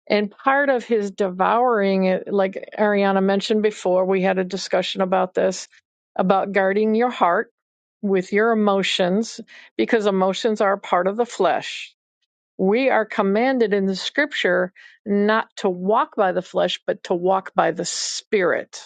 And part of his devouring, eh, like Ariana mentioned before, we had a discussion about this, about guarding your heart with your emotions, because emotions are a part of the flesh. We are commanded in the scripture not to walk by the flesh, but to walk by the spirit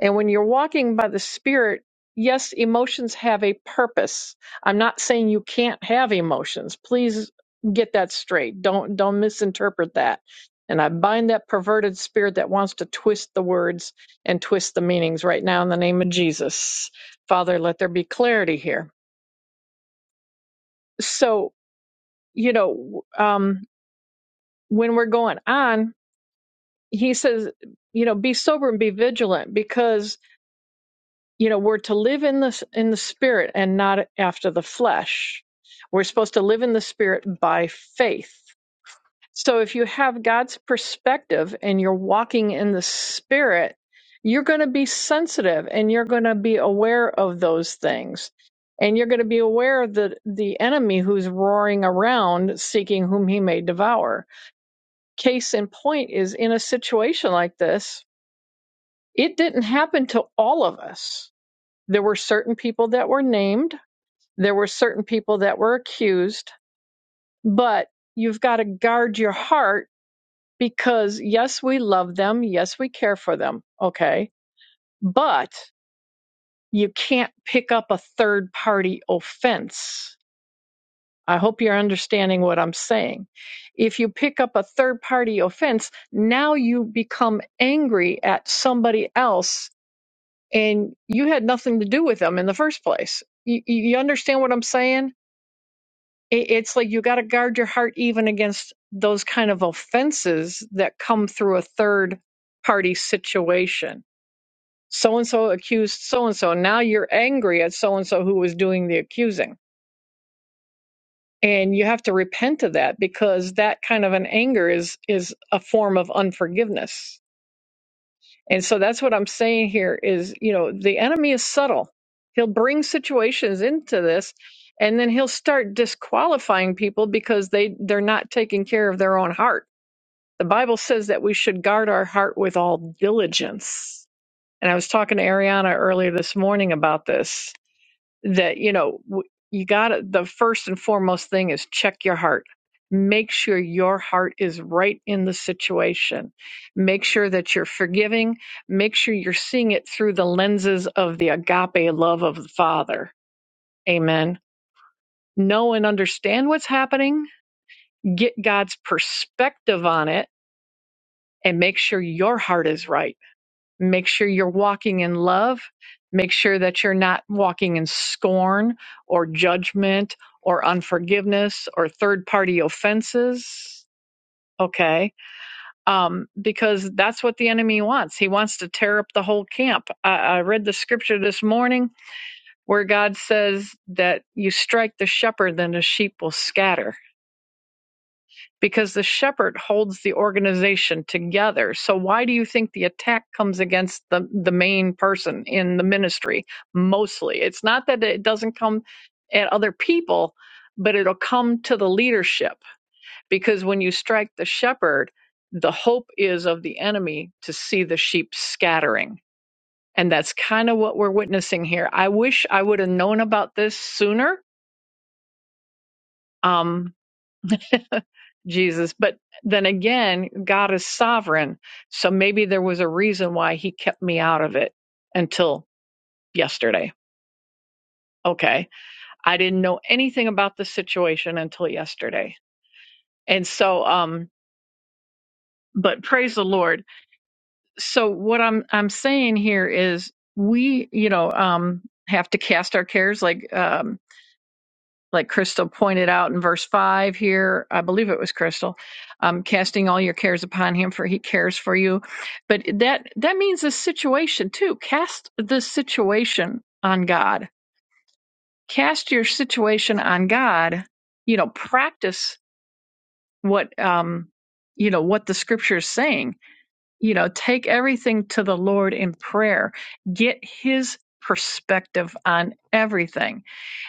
and when you're walking by the Spirit, yes, emotions have a purpose. I'm not saying you can't have emotions. Please get that straight. Don't don't misinterpret that. And I bind that perverted spirit that wants to twist the words and twist the meanings right now in the name of Jesus. Father, let there be clarity here. So, you know, um, when we're going on, he says, you know, be sober and be vigilant because you know we're to live in the in the spirit and not after the flesh we're supposed to live in the spirit by faith so if you have god's perspective and you're walking in the spirit you're going to be sensitive and you're going to be aware of those things and you're going to be aware of the, the enemy who's roaring around seeking whom he may devour case in point is in a situation like this it didn't happen to all of us there were certain people that were named, there were certain people that were accused, but you've got to guard your heart because, yes, we love them, yes, we care for them, okay? But you can't pick up a third party offense. I hope you're understanding what I'm saying. If you pick up a third party offense, now you become angry at somebody else and you had nothing to do with them in the first place. You, you understand what I'm saying? it, it's like you got to guard your heart even against those kind of offenses that come through a third party situation. So and so accused so and so. Now you're angry at so and so who was doing the accusing. And you have to repent of that because that kind of an anger is is a form of unforgiveness And so that's what I'm saying here is, you know, the enemy is subtle. He'll bring situations into this and then he'll start disqualifying people because they they're not taking care of their own heart. The Bible says that we should guard our heart with all diligence. And I was talking to Ariana earlier this morning about this that you know w- you got to the first and foremost thing is check your heart make sure your heart is right in the situation make sure that you're forgiving make sure you're seeing it through the lenses of the agape love of the father amen know and understand what's happening get god's perspective on it and make sure your heart is right Make sure you're walking in love. Make sure that you're not walking in scorn or judgment or unforgiveness or third party offenses. Okay. Um, because that's what the enemy wants. He wants to tear up the whole camp. I, I read the scripture this morning where God says that you strike the shepherd, then the sheep will scatter because the shepherd holds the organization together. So why do you think the attack comes against the the main person in the ministry mostly? It's not that it doesn't come at other people, but it'll come to the leadership because when you strike the shepherd, the hope is of the enemy to see the sheep scattering. And that's kind of what we're witnessing here. I wish I would have known about this sooner. Um, Jesus. But then again, God is sovereign. So maybe there was a reason why he kept me out of it until yesterday. Okay. I didn't know anything about the situation until yesterday. And so um but praise the Lord. So what I'm I'm saying here is we, you know, um have to cast our cares like um like Crystal pointed out in verse 5 here, I believe it was Crystal, um, casting all your cares upon him for he cares for you. But that that means the situation too. Cast the situation on God. Cast your situation on God. You know, practice what um you know what the scripture is saying. You know, take everything to the Lord in prayer. Get his perspective on everything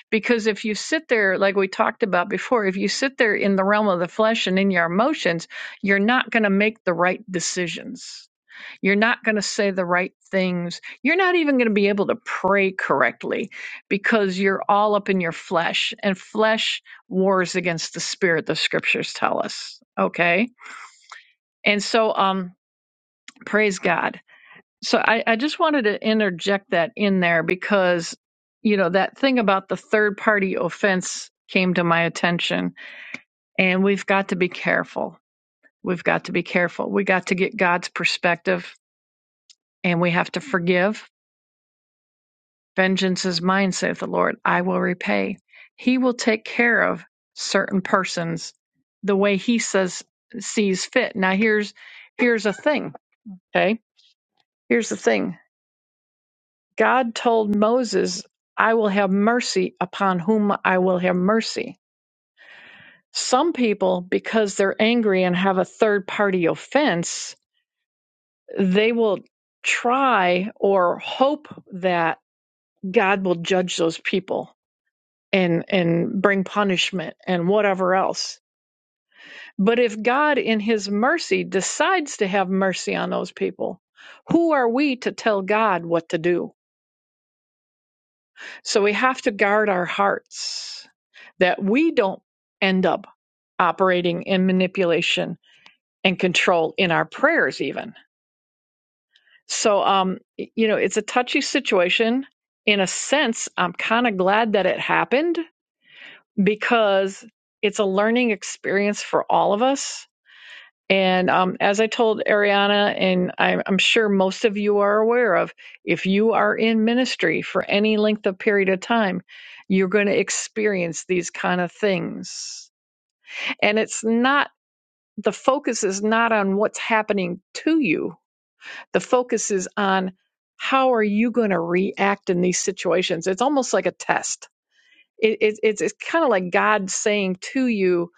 because if you sit there, like we talked about before, if you sit there in the realm of the flesh and in your emotions, you're not going to make the right decisions. You're not going to say the right things. You're not even going to be able to pray correctly because you're all up in your flesh, and flesh wars against the spirit, the scriptures tell us. Okay. And so, um, praise God. So I, I just wanted to interject that in there because, you know, that thing about the third party offense came to my attention. And we've got to be careful. We've got to be careful. We got to get God's perspective and we have to forgive. Vengeance is mine, saith the Lord. I will repay. He will take care of certain persons the way he says sees fit. Now here's here's a thing. Okay. Here's the thing. God told Moses, I will have mercy upon whom I will have mercy. Some people, because they're angry and have a third party offense, they will try or hope that God will judge those people and, and bring punishment and whatever else. But if God, in his mercy, decides to have mercy on those people, who are we to tell God what to do? So we have to guard our hearts that we don't end up operating in manipulation and control in our prayers, even. So, um, you know, it's a touchy situation. In a sense, I'm kind of glad that it happened because it's a learning experience for all of us And um, as I told Ariana, and I'm, I'm sure most of you are aware of, if you are in ministry for any length of period of time, you're going to experience these kind of things. And it's not, the focus is not on what's happening to you, the focus is on how are you going to react in these situations. It's almost like a test. It, it, it's it's kind of like God saying to you,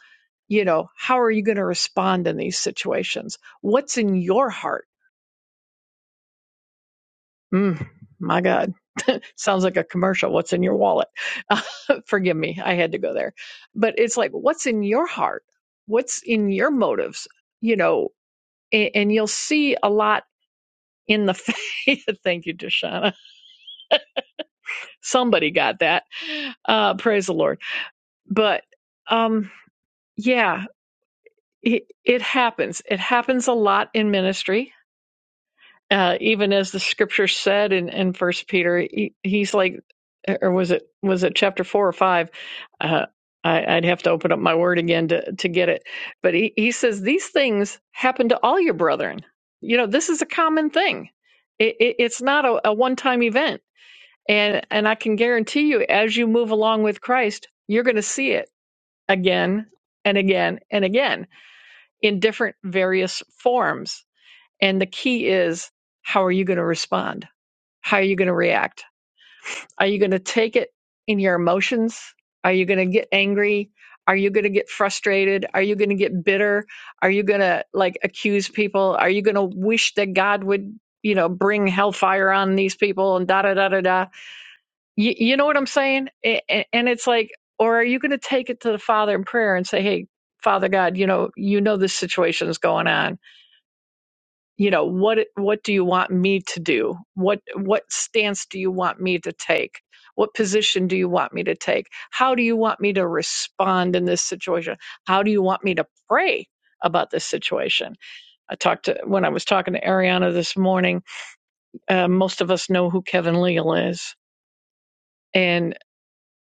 you know, how are you going to respond in these situations? What's in your heart? Mm, my God, sounds like a commercial. What's in your wallet? Forgive me, I had to go there. But it's like, what's in your heart? What's in your motives? You know, and, and you'll see a lot in the faith. Thank you, Deshauna. Somebody got that. Uh, praise the Lord. But um, yeah, it, it happens. It happens a lot in ministry uh, even as the scripture said in, in first peter he, he's like or was it was it chapter four or five uh, I, i'd have to open up my word again to, to get it but he, he says these things happen to all your brethren you know this is a common thing it, it, it's not a, a one-time event and and i can guarantee you as you move along with christ you're going to see it again and again and again in different various forms and the key is how are you going to respond how are you going to react? Are you going to take it in your emotions? Are you going to get angry? Are you going to get frustrated? Are you going to get bitter? Are you going to like accuse people? Are you going to wish that God would, you know, bring hellfire on these people and da da da da da? You, you know what I'm saying? A- And it's like, or are you going to take it to the Father in prayer and say, hey, Father God, you know, you know this situation is going on you know what what do you want me to do what what stance do you want me to take what position do you want me to take how do you want me to respond in this situation how do you want me to pray about this situation i talked to when i was talking to ariana this morning uh, most of us know who kevin leal is and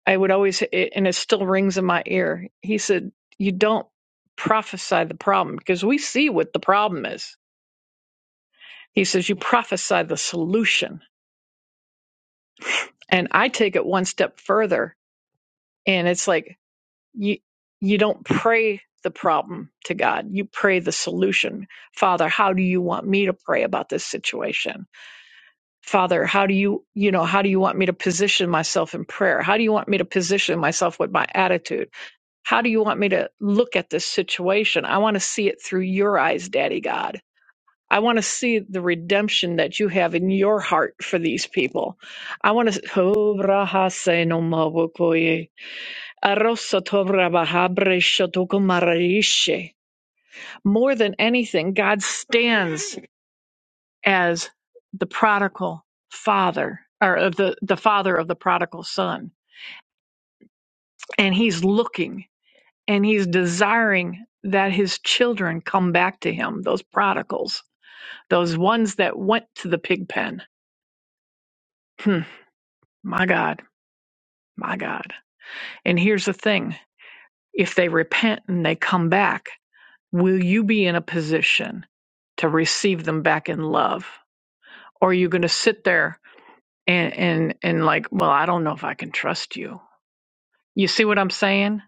i would always and it still rings in my ear he said you don't prophesy the problem because we see what the problem is he says you prophesy the solution And I take it one step further and it's like you you don't pray the problem to God. You pray the solution. Father, how do you want me to pray about this situation? Father, how do you, you know, how do you want me to position myself in prayer? How do you want me to position myself with my attitude? How do you want me to look at this situation? I want to see it through your eyes, Daddy God I want to see the redemption that you have in your heart for these people. I want to. Oh, braha se no mabukoye. Aroso to braha habre shotokumarishe. More than anything, God stands as the prodigal father, or of the, the father of the prodigal son. And he's looking and he's desiring that his children come back to him, those prodigals, those ones that went to the pig pen. Hmm, my God My God. And here's the thing if they repent and they come back, will you be in a position to receive them back in love? Or are you going to sit there and, and, and like, well, I don't know if I can trust you? You see what I'm saying?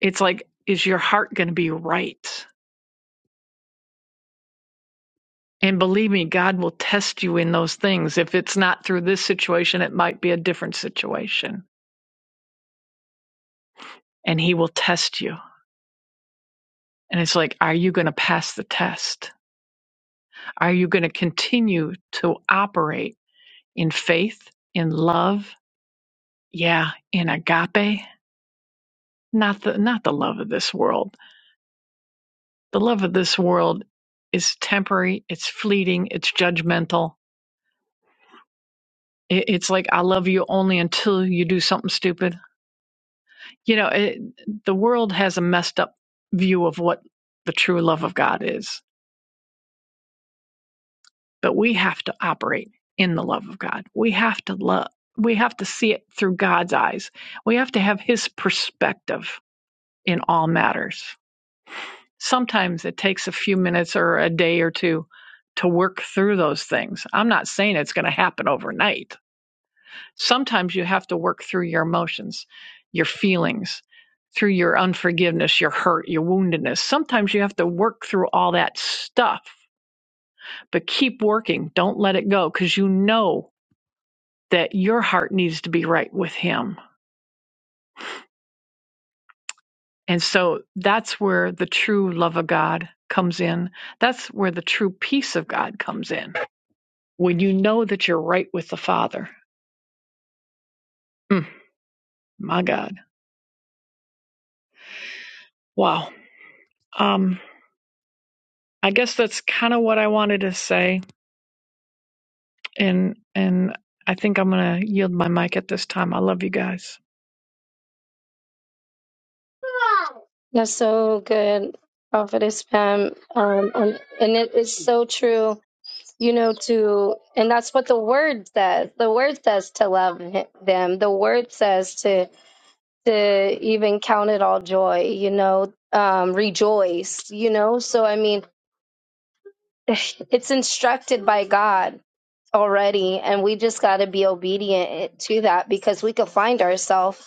It's like, is your heart going to be right? And believe me, God will test you in those things. If it's not through this situation, it might be a different situation. And He will test you. And it's like, are you going to pass the test? Are you going to continue to operate in faith, in love? Yeah, in agape. Not the not the love of this world. The love of this world is temporary, it's fleeting, it's judgmental. It, it's like I love you only until you do something stupid. You know, it, the world has a messed up view of what the true love of God is but we have to operate in the love of God. We have to love. We have to see it through God's eyes. We have to have His perspective in all matters. Sometimes it takes a few minutes or a day or two to work through those things. I'm not saying it's going to happen overnight. Sometimes you have to work through your emotions, your feelings, through your unforgiveness, your hurt, your woundedness. Sometimes you have to work through all that stuff, but keep working. Don't let it go because you know that your heart needs to be right with Him. And so that's where the true love of God comes in. That's where the true peace of God comes in. When you know that you're right with the Father. Mm, my God. Wow. Um, I guess that's kind of what I wanted to say. And, and I think I'm going to yield my mic at this time. I love you guys.
That's so good, Prophetess Pam. Um, and, and it is so true you know, to, and that's what the word says. The word says to love hi- them. The word says to, to even count it all joy, you know, um, rejoice, you know? So, I mean, it's instructed by God already, and we just got to be obedient to that because we could find ourselves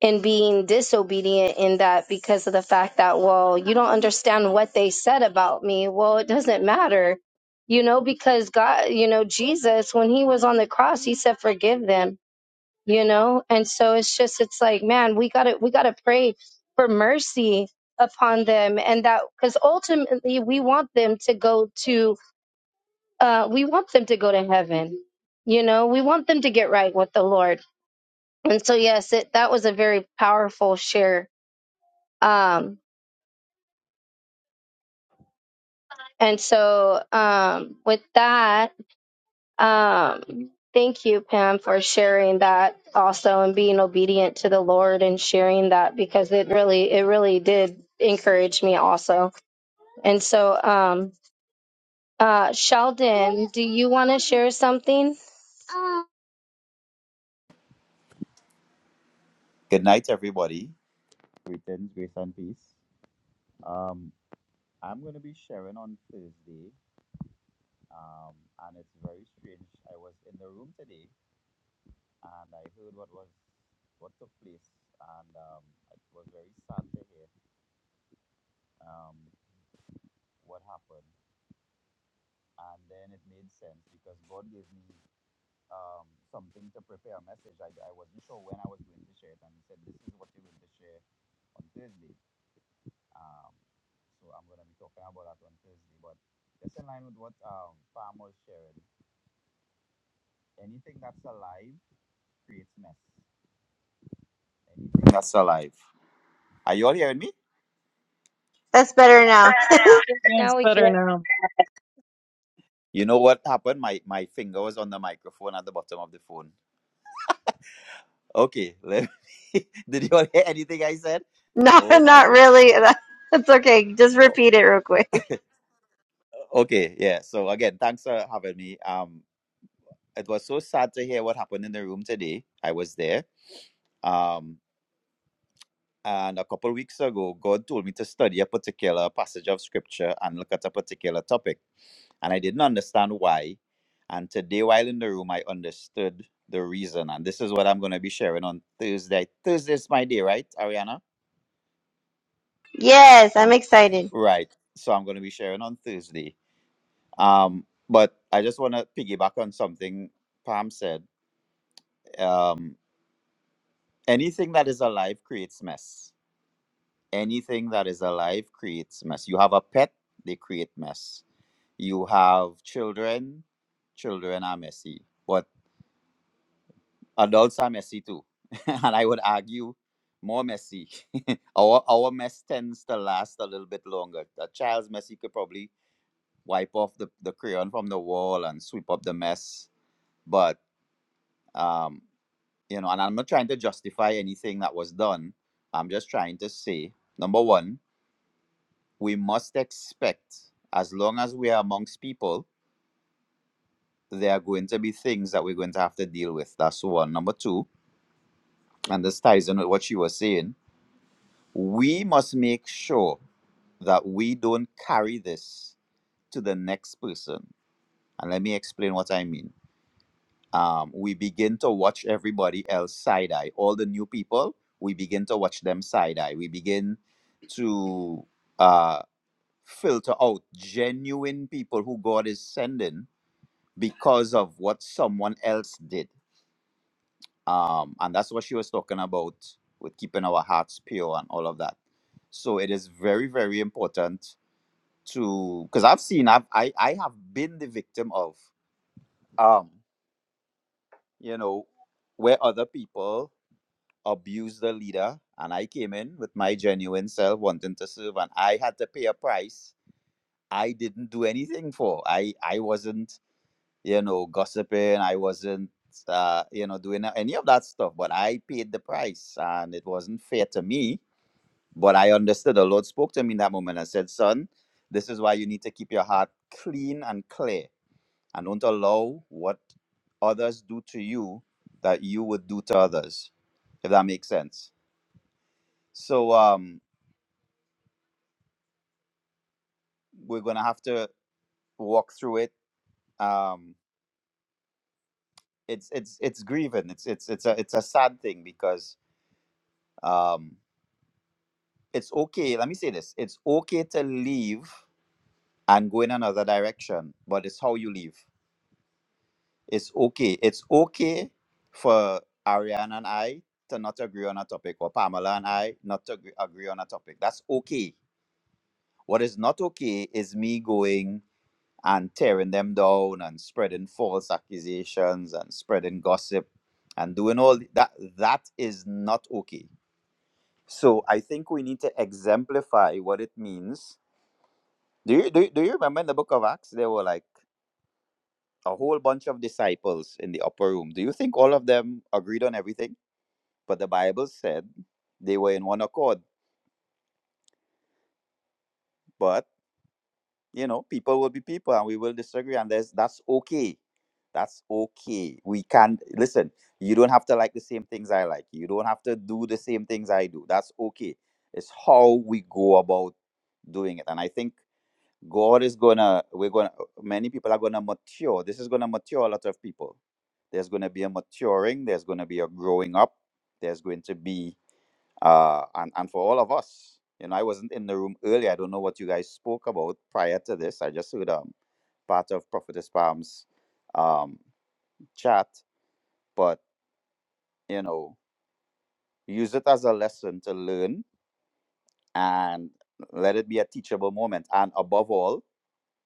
and being disobedient in that because of the fact that, well, you don't understand what they said about me. Well, it doesn't matter, you know, because God, you know, Jesus, when he was on the cross, he said, forgive them, you know? And so it's just, it's like, man, we gotta, we gotta pray for mercy upon them and that, because ultimately we want them to go to, uh, we want them to go to heaven. You know, we want them to get right with the Lord. And so, yes, it, that was a very powerful share um, and so, um, with that, um, thank you, Pam, for sharing that also and being obedient to the Lord and sharing that because it really, it really did encourage me also. And so, um, uh, Sheldon, do you want to share something?
Good night, everybody. Greetings, grace, and peace. Um, I'm going to be sharing on Thursday, um, and it's very strange. I was in the room today, and I heard what was what took place, and um, it was very sad to hear um, what happened. And then it made sense because God gave me um, something to prepare a message. I, I wasn't sure when I was going to share it, and He said, "This is what you're going to share on Thursday." Um, so I'm going to be talking about that on Thursday. But just in line with what um, Pam was sharing, anything that's alive creates mess. Anything that's alive. Are you all hearing me?
That's better now.
Yeah, it's
Now we can.
better now.
You know what happened? My my finger was on the microphone at the bottom of the phone. Okay, let me, did you all hear anything I said?
No,
Oh my
not
gosh.
really. That's okay. Just
Oh,
repeat it real quick.
okay, yeah. So again, thanks for having me. Um, it was so sad to hear what happened in the room today. I was there. Um, And a couple weeks ago, God told me to study a particular passage of scripture and look at a particular topic. And I didn't understand why. And today, while in the room, I understood the reason. And this is what I'm going to be sharing on Thursday. Thursday is my day, right, Ariana?
Yes, I'm
Um,
excited.
right. So I'm going to be sharing on Thursday. Um, but I just want to piggyback on something Pam said. Um, anything that is alive creates mess. Anything that is alive creates mess. You have a pet, they create mess You have children, children are messy, but adults are messy too. and I would argue more messy. our our mess tends to last a little bit longer. A child's messy could probably wipe off the, the crayon from the wall and sweep up the mess. But um, you know, and I'm not trying to justify anything that was done. I'm just trying to say, number one, we must expect, as long as we are amongst people, there are going to be things that we're going to have to deal with. That's one. Number two, and this ties in with what you were saying, we must make sure that we don't carry this to the next person. And let me explain what I mean. Um, we begin to watch everybody else side eye. All the new people, we begin to watch them side eye. We begin to uh, filter out genuine people who God is sending because of what someone else did um, and that's what she was talking about with keeping our hearts pure and all of that so it is very very important to because i've seen I've, i i have been the victim of um you know where other people abuse the leader and i came in with my genuine self wanting to serve and i had to pay a price i didn't do anything for i i wasn't you know, gossiping. I wasn't, uh, you know, doing any of that stuff, but I paid the price and it wasn't fair to me. But I understood the Lord spoke to me in that moment and said, Son, this is why you need to keep your heart clean and clear and don't allow what others do to you that you would do to others, if that makes sense. So um, we're going to have to walk through it. Um, it's it's it's grieving. It's it's it's a it's a sad thing because um, it's okay. Let me say this. It's okay to leave and go in another direction, but it's how you leave. It's okay. It's okay for Ariana and I to not agree on a topic, or Pamela and I not to agree, agree on a topic. That's okay. What is not okay is me going and tearing them down and spreading false accusations and spreading gossip and doing all that. That is not okay. So I think we need to exemplify what it means Do you, do you, do you remember in the book of Acts, there were like a whole bunch of disciples in the upper room. Do you think all of them agreed on everything? But the Bible said they were in one accord. But, you know, people will be people and we will disagree. And there's, that's okay. That's okay. We can listen. You don't have to like the same things I like. You don't have to do the same things I do. That's okay. It's how we go about doing it. And I think God is gonna, we're gonna, many people are gonna mature. This is gonna mature a lot of people. There's gonna be a maturing, there's gonna be a growing up, there's going to be, uh, and, and for all of us, you know, I wasn't in the room earlier. I don't know what you guys spoke about prior to this. I just heard um, part of Prophetess Palm's um, chat, but, you know, use it as a lesson to learn and let it be a teachable moment. And above all,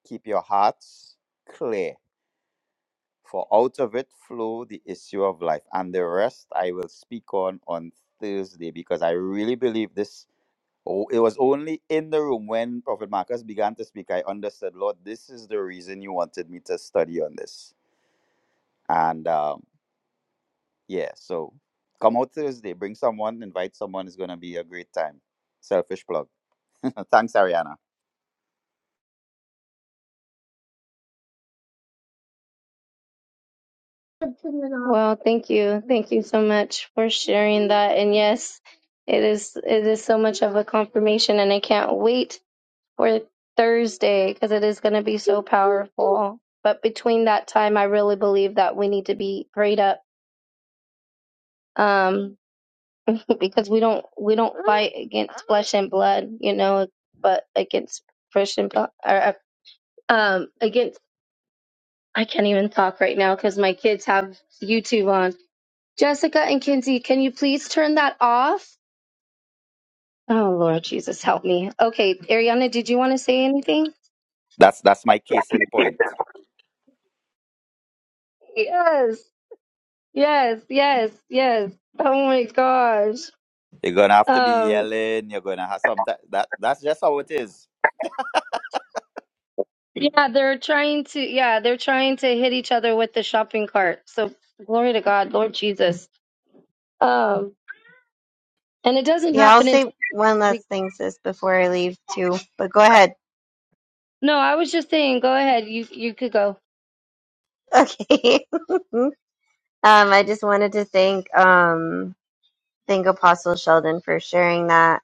keep your hearts clear For out of it flow the issue of life. And the rest I will speak on on Thursday because I really believe this. Oh, it was only in the room when Prophet Marcus began to speak. I understood, Lord, this is the reason you wanted me to study on this. And um, yeah, so come out Thursday, bring someone, invite someone. It's going to be a great time. Selfish plug. Thanks, Ariana.
Well, thank you. Thank you so much for sharing that. And yes, it is, it is so much of a confirmation and I can't wait for Thursday because it is going to be so powerful. But between that time, I really believe that we need to be prayed up um, because we don't we don't fight against flesh and blood, you know, but against flesh and blood or uh, um, against. I can't even talk right now because my kids have YouTube on. Jessica and Kinsey, can you please turn that off? Oh Lord Jesus, help me. Okay, Ariana, did you want to say anything?
That's that's my case in point.
Yes. Yes, yes, yes. Oh my gosh.
You're gonna have to be
Um,
yelling. You're gonna have some. That, that that's just how it is.
yeah, they're trying to, yeah, they're trying to hit each other with the shopping cart. So glory to God, Lord Jesus. Um, and it doesn't
Yeah, I'll
happen until
say one
we,
last thing, sis, before I leave too. But go ahead.
no, I was just saying, go ahead. You, you could go.
Okay. um, I just wanted to thank um thank Apostle Sheldon for sharing that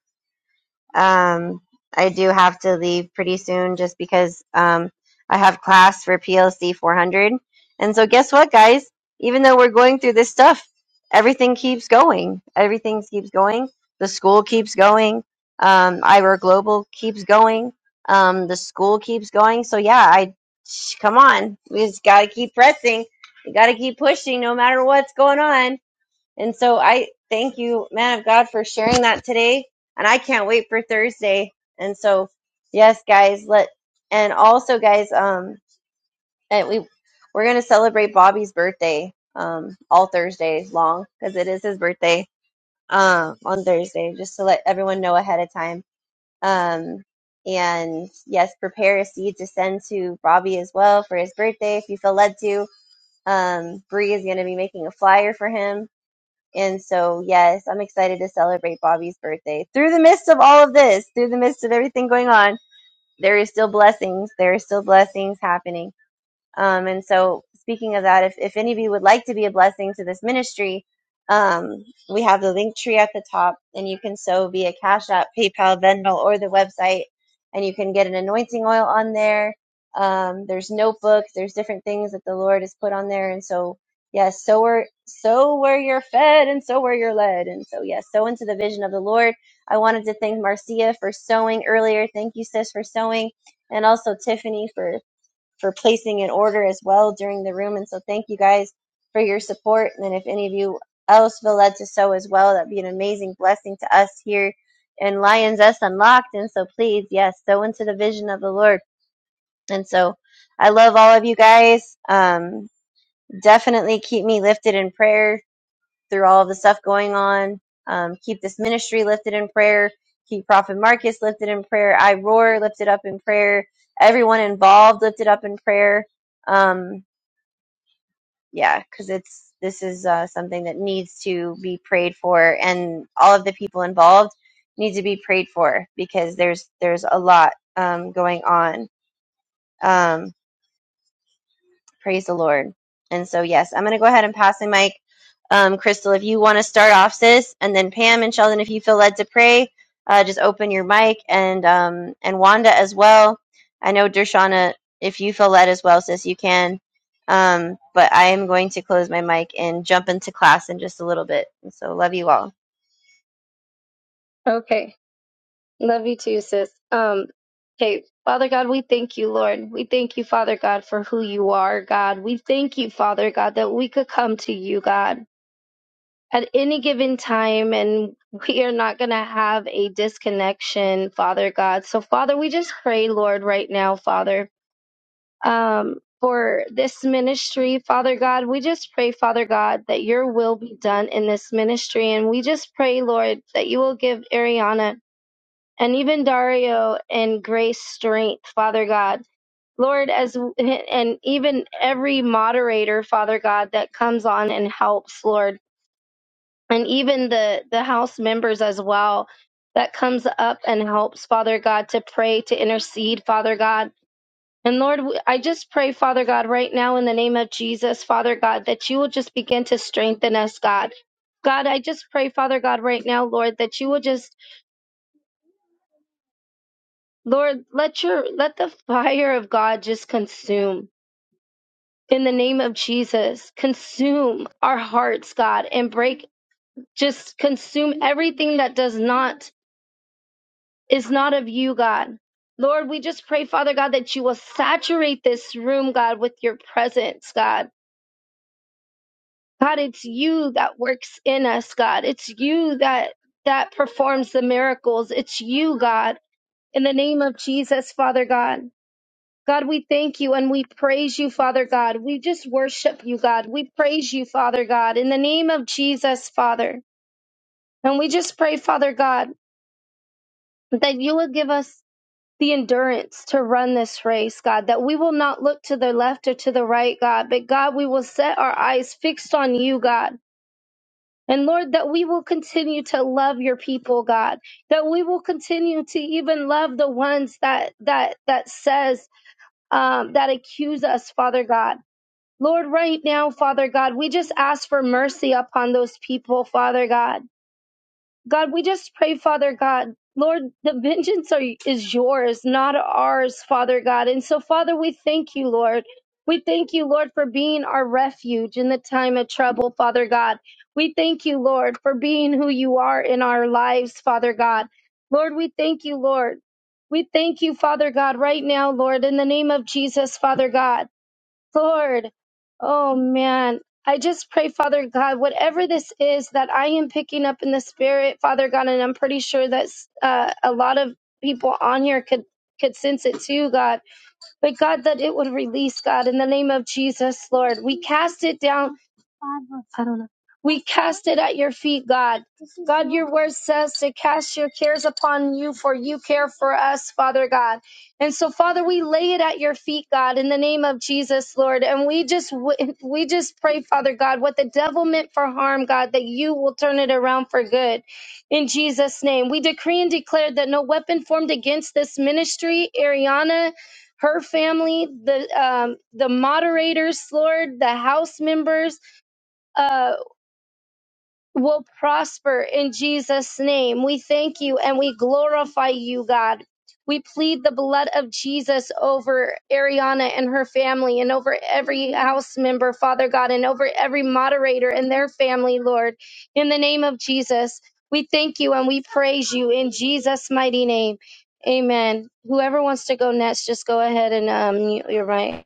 Um, I do have to leave pretty soon just because um, I have class for PLC 400. And so, guess what, guys? Even though we're going through this stuff, everything keeps going. Everything keeps going. The school keeps going. Um, Ira Global keeps going. Um, the school keeps going. So, yeah, I come on. We just got to keep pressing. We got to keep pushing no matter what's going on. And so I thank you, man of God, for sharing that today. And I can't wait for Thursday. And so, yes, guys, let and also guys, um, and we we're gonna celebrate Bobby's birthday um all Thursday long because it is his birthday um on Thursday, just to let everyone know ahead of time. Um and yes, prepare a seed to send to Bobby as well for his birthday if you feel led to. Um, Bree is going to be making a flyer for him and so, yes, I'm excited to celebrate Bobby's birthday. Through the midst of all of this, through the midst of everything going on, there is still blessings. There are still blessings happening. Um, and so, speaking of that, if, if any of you would like to be a blessing to this ministry, um, we have the link tree at the top, and you can sow via Cash App, PayPal, Venmo, or the website, and you can get an anointing oil on there. Um, there's notebooks, there's different things that the Lord has put on there, and so yes, sow where sow where you're fed, and sow where you're led, and so yes, sow into the vision of the Lord. I wanted to thank Marcia for sowing earlier. Thank you, sis, for sowing, and also Tiffany for for placing an order as well during the room. And so thank you guys for your support. And then if any of you else feel led to sow as well, that'd be an amazing blessing to us here in Lions S Unlocked. And so please, yes, sow into the vision of the Lord. And so I love all of you guys. Um, definitely keep me lifted in prayer through all of the stuff going on. Um, keep this ministry lifted in prayer. Keep Prophet Marcus lifted in prayer. I Roar lifted up in prayer. Everyone involved lifted up in prayer. Um, yeah, because it's this is uh, something that needs to be prayed for, and all of the people involved need to be prayed for because there's there's a lot um, going on. Um, Praise the Lord. And so, yes, I'm going to go ahead and pass the mic. Um, Crystal, if you want to start off, sis, and then Pam and Sheldon, if you feel led to pray, uh, just open your mic, and um, and Wanda as well. I know Dershana, if you feel led as well, sis, you can. Um, but I am going to close my mic and jump into class in just a little bit. So, love you all.
Okay. Love you too, sis. Um, okay. Father God, we thank you, Lord. We thank you, Father God, for who you are, God. We thank you, Father God, that we could come to you, God. at any given time and we are not going to have a disconnection, Father God. So, Father, we just pray, Lord, right now, Father, um, for this ministry, Father God. We just pray, Father God, that your will be done in this ministry. And we just pray, Lord, that you will give Ariana and even Dario and Grace strength, Father God. Lord, as and even every moderator, Father God, that comes on and helps, Lord and even the the house members as well that comes up and helps father god to pray to intercede father god and lord I just pray father god right now in the name of jesus father god that you will just begin to strengthen us god god i just pray father god right now lord that you will just lord let your let the fire of god just consume in the name of jesus consume our hearts god and break just consume everything that does not is not of you, God. Lord, we just pray, Father God, that you will saturate this room, God, with your presence, God. God, it's you that works in us, God. It's you that that performs the miracles. It's you, God. In the name of Jesus, Father God. God, we thank you and we praise you, Father God. We just worship you, God. We praise you, Father God, in the name of Jesus, Father. And we just pray, Father God, that you will give us the endurance to run this race, God, that we will not look to the left or to the right, God, but God, we will set our eyes fixed on you, God. And Lord, that we will continue to love your people, God, that we will continue to even love the ones that, that, that says, um, that accuse us, Father God. Lord, right now, Father God, we just ask for mercy upon those people, Father God. God, we just pray, Father God. Lord, the vengeance are, is yours, not ours, Father God. And so, Father, we thank you, Lord. We thank you, Lord, for being our refuge in the time of trouble, Father God. We thank you, Lord, for being who you are in our lives, Father God. Lord, we thank you, Lord. We thank you, Father God, right now, Lord, in the name of Jesus, Father God. Lord, oh man, I just pray, Father God, whatever this is that I am picking up in the spirit, Father God, and I'm pretty sure that uh, a lot of people on here could could sense it too, God. But God, that it would release, God, in the name of Jesus, Lord. We cast it down we cast it at your feet, God. God, your word says to cast your cares upon you, for you care for us, Father God. And so, Father, we lay it at your feet, God, in the name of Jesus, Lord. And we just we just pray, Father God, what the devil meant for harm, God, that you will turn it around for good. In Jesus' name, we decree and declare that no weapon formed against this ministry, Ariana, her family, the um, the moderators, Lord, the house members. uh will prosper in Jesus' name. We thank you and we glorify you, God. We plead the blood of Jesus over Ariana and her family and over every house member, Father God, and over every moderator and their family, Lord, in the name of Jesus. We thank you and we praise you in Jesus' mighty name. Amen. Whoever wants to go next, just go ahead and um, mute your mic.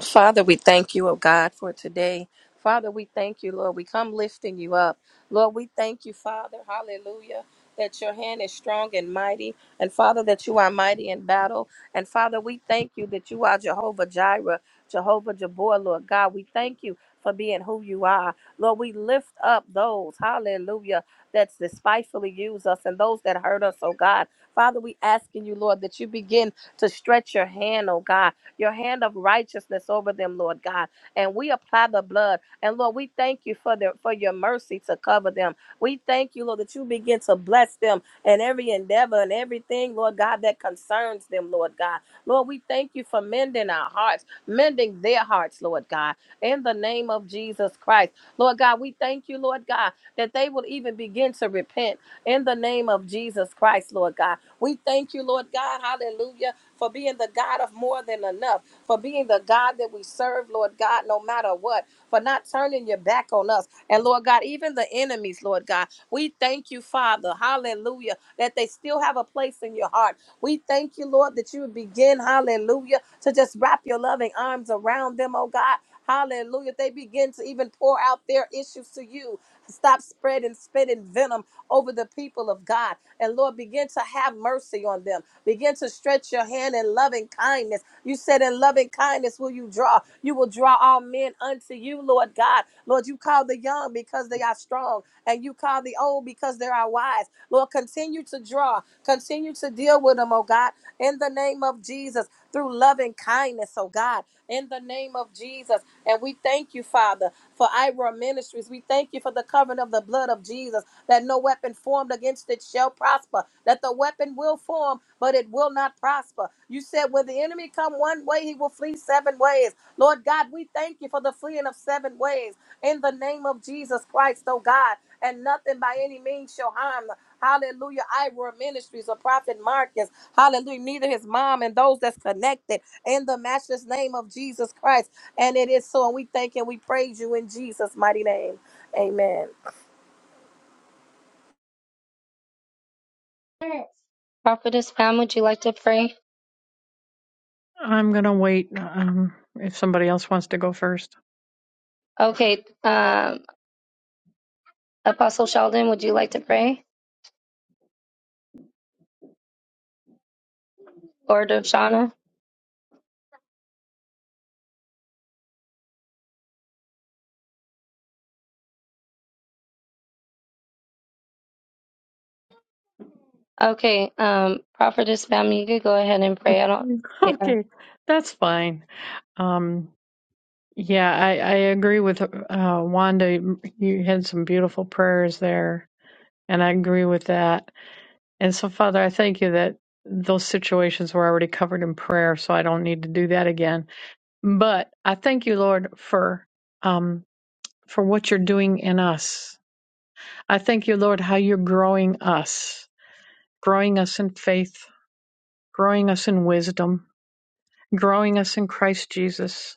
Father, we thank you, oh God, for today. Father, we thank you, Lord. We come lifting you up. Lord, we thank you, Father. Hallelujah. That your hand is strong and mighty. And Father, that you are mighty in battle. And Father, we thank you that you are Jehovah Jireh, Jehovah Jabor, Lord God. We thank you for being who you are. Lord, we lift up those, hallelujah, that despitefully use us and those that hurt us, oh God. Father, we asking you, Lord, that you begin to stretch your hand, oh God your hand of righteousness over them, Lord God. And we apply the blood. And Lord, we thank you for their for your mercy to cover them. We thank you, Lord, that you begin to bless them in every endeavor and everything, Lord God, that concerns them, Lord God. Lord, we thank you for mending our hearts, mending their hearts, Lord God, in the name of Jesus Christ. Lord God, we thank you, Lord God, that they will even begin to repent in the name of Jesus Christ, Lord God. We thank you, Lord God, hallelujah for being the God of more than enough, for being the God that we serve, Lord God, no matter what, for not turning your back on us. And Lord God, even the enemies, Lord God, we thank you, Father, hallelujah, that they still have a place in your heart. We thank you, Lord, that you would begin, hallelujah, to just wrap your loving arms around them, oh God. Hallelujah. They begin to even pour out their issues to you. Stop spreading, spitting venom over the people of God. And Lord, begin to have mercy on them. Begin to stretch your hand in loving kindness. You said, In loving kindness will you draw. You will draw all men unto you, Lord God. Lord, you call the young because they are strong, and you call the old because they are wise. Lord, continue to draw, continue to deal with them, oh God, in the name of Jesus, through loving kindness, oh God in the name of Jesus. And we thank you, Father, for Ira Ministries. We thank you for the covering of the blood of Jesus, that no weapon formed against it shall prosper, that the weapon will form, but it will not prosper. You said, when the enemy come one way, he will flee seven ways. Lord God, we thank you for the fleeing of seven ways in the name of Jesus Christ, oh God, and nothing by any means shall harm. Hallelujah. Ira Ministries or Prophet Marcus. Hallelujah. Neither his mom and those that's connected in the matchless name of Jesus Christ. And it is so. And we thank and we praise you in Jesus' mighty name. Amen.
Prophetess Pam, would you like to pray?
I'm going to wait um, if somebody else wants to go first.
Okay. Um. Apostle Sheldon, would you like to pray? Or Shauna? Okay, um, Prophetess Pam, you could go ahead and pray. I don't, yeah.
Okay, that's fine. Um, Yeah, I, I agree with uh, Wanda. You had some beautiful prayers there, and I agree with that. And so, Father, I thank you that those situations were already covered in prayer, so I don't need to do that again. But I thank you, Lord, for um, for what you're doing in us. I thank you, Lord, how you're growing us, growing us in faith, growing us in wisdom, growing us in Christ Jesus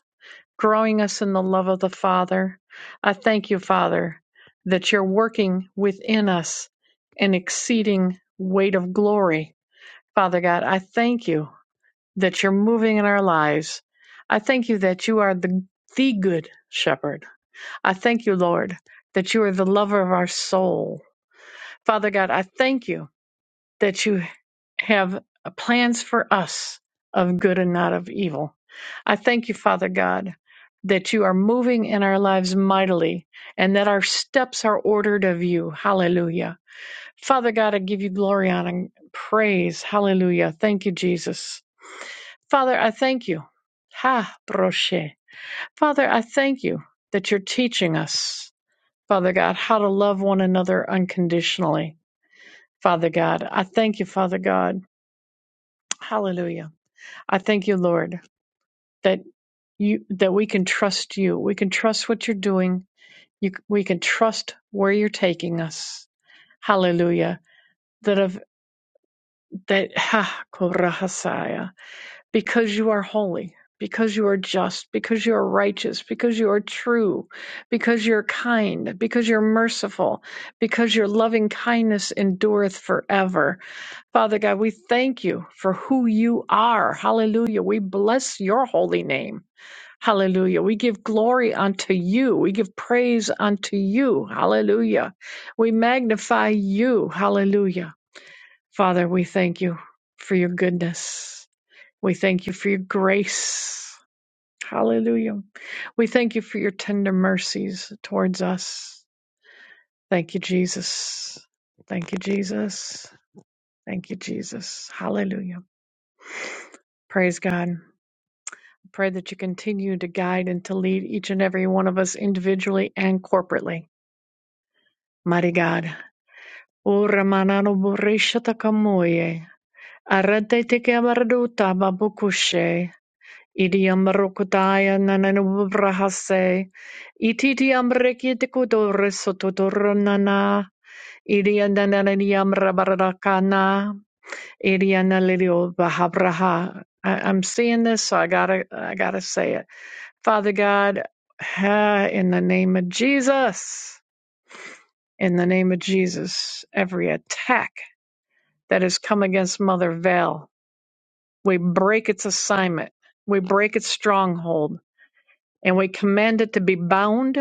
growing us in the love of the Father. I thank you, Father, that you're working within us an exceeding weight of glory. Father God, I thank you that you're moving in our lives. I thank you that you are the, the good shepherd. I thank you, Lord, that you are the lover of our soul. Father God, I thank you that you have plans for us of good and not of evil. I thank you, Father God, that you are moving in our lives mightily and that our steps are ordered of you. Hallelujah. Father God, I give you glory honor, and praise. Hallelujah. Thank you, Jesus. Father, I thank you. Ha, broshe. Father, I thank you that you're teaching us, Father God, how to love one another unconditionally. Father God, I thank you, Father God. Hallelujah. I thank you, Lord, that you that we can trust you. We can trust what you're doing. You, we can trust where you're taking us. Hallelujah. That of that ha korahasaya. because you are holy, because you are just, because you are righteous, because you are true, because you're kind, because you're merciful, because your loving kindness endureth forever. Father God, we thank you for who you are. Hallelujah. We bless your holy name. Hallelujah. We give glory unto you. We give praise unto you. Hallelujah. We magnify you. Hallelujah. Father, we thank you for your goodness. We thank you for your grace. Hallelujah. We thank you for your tender mercies towards us. Thank you, Jesus. Thank you, Jesus. Thank you, Jesus. Hallelujah. Praise God. Pray that you continue to guide and to lead each and every one of us individually and corporately. Mighty God. Ora manano borishata kamoye. Arate teke amaruta babukushe. Idi amarokutaya nananu brahase. Ititi amreki tekudore sototoronana. Idi andanani amrabarakana. Idi analilio bahabraha. I- I'm seeing this, so I gotta, I gotta say it. Father God, ah, in the name of Jesus, in the name of Jesus, every attack that has come against Mother Val, we break its assignment, we break its stronghold, and we command it to be bound.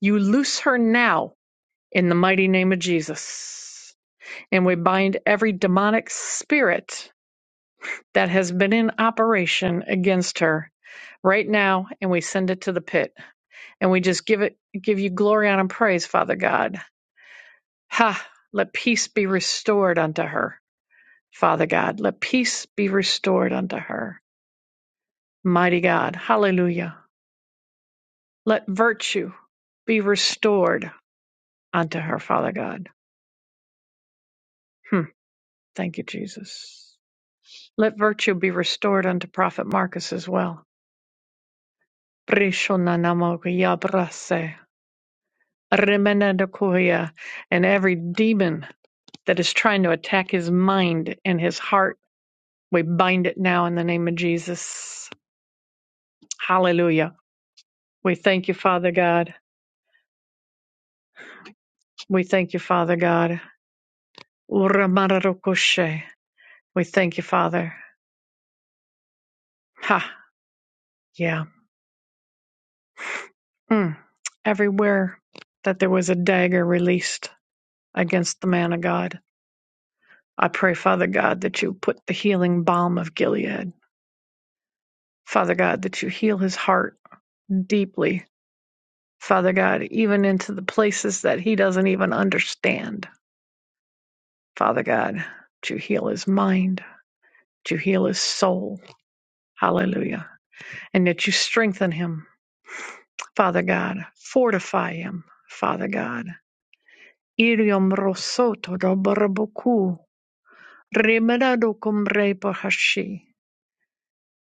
You loose her now in the mighty name of Jesus. And we bind every demonic spirit that has been in operation against her right now, and we send it to the pit And we just give it give you glory honor, and praise, Father God. Ha, let peace be restored unto her, Father God. Let peace be restored unto her. Mighty God. Hallelujah. Let virtue be restored unto her, Father God. Hmm. Thank you, Jesus. Let virtue be restored unto Prophet Marcus as well. Brishonanamokuyabrase, remenedakuya, And every demon that is trying to attack his mind and his heart We bind it now in the name of Jesus. Hallelujah. We thank you, Father God. We thank you, Father God. Uramararokoshe. We thank you, Father. Ha, yeah. Mm. Everywhere that there was a dagger released against the man of God, I pray, Father God, that you put the healing balm of Gilead. Father God, that you heal his heart deeply. Father God, even into the places that he doesn't even understand. Father God, that you heal his mind. to heal his soul. Hallelujah. And that you strengthen him, Father God. Fortify him, Father God. Irium rosoto do barabuku. Remerado cum repo hashi.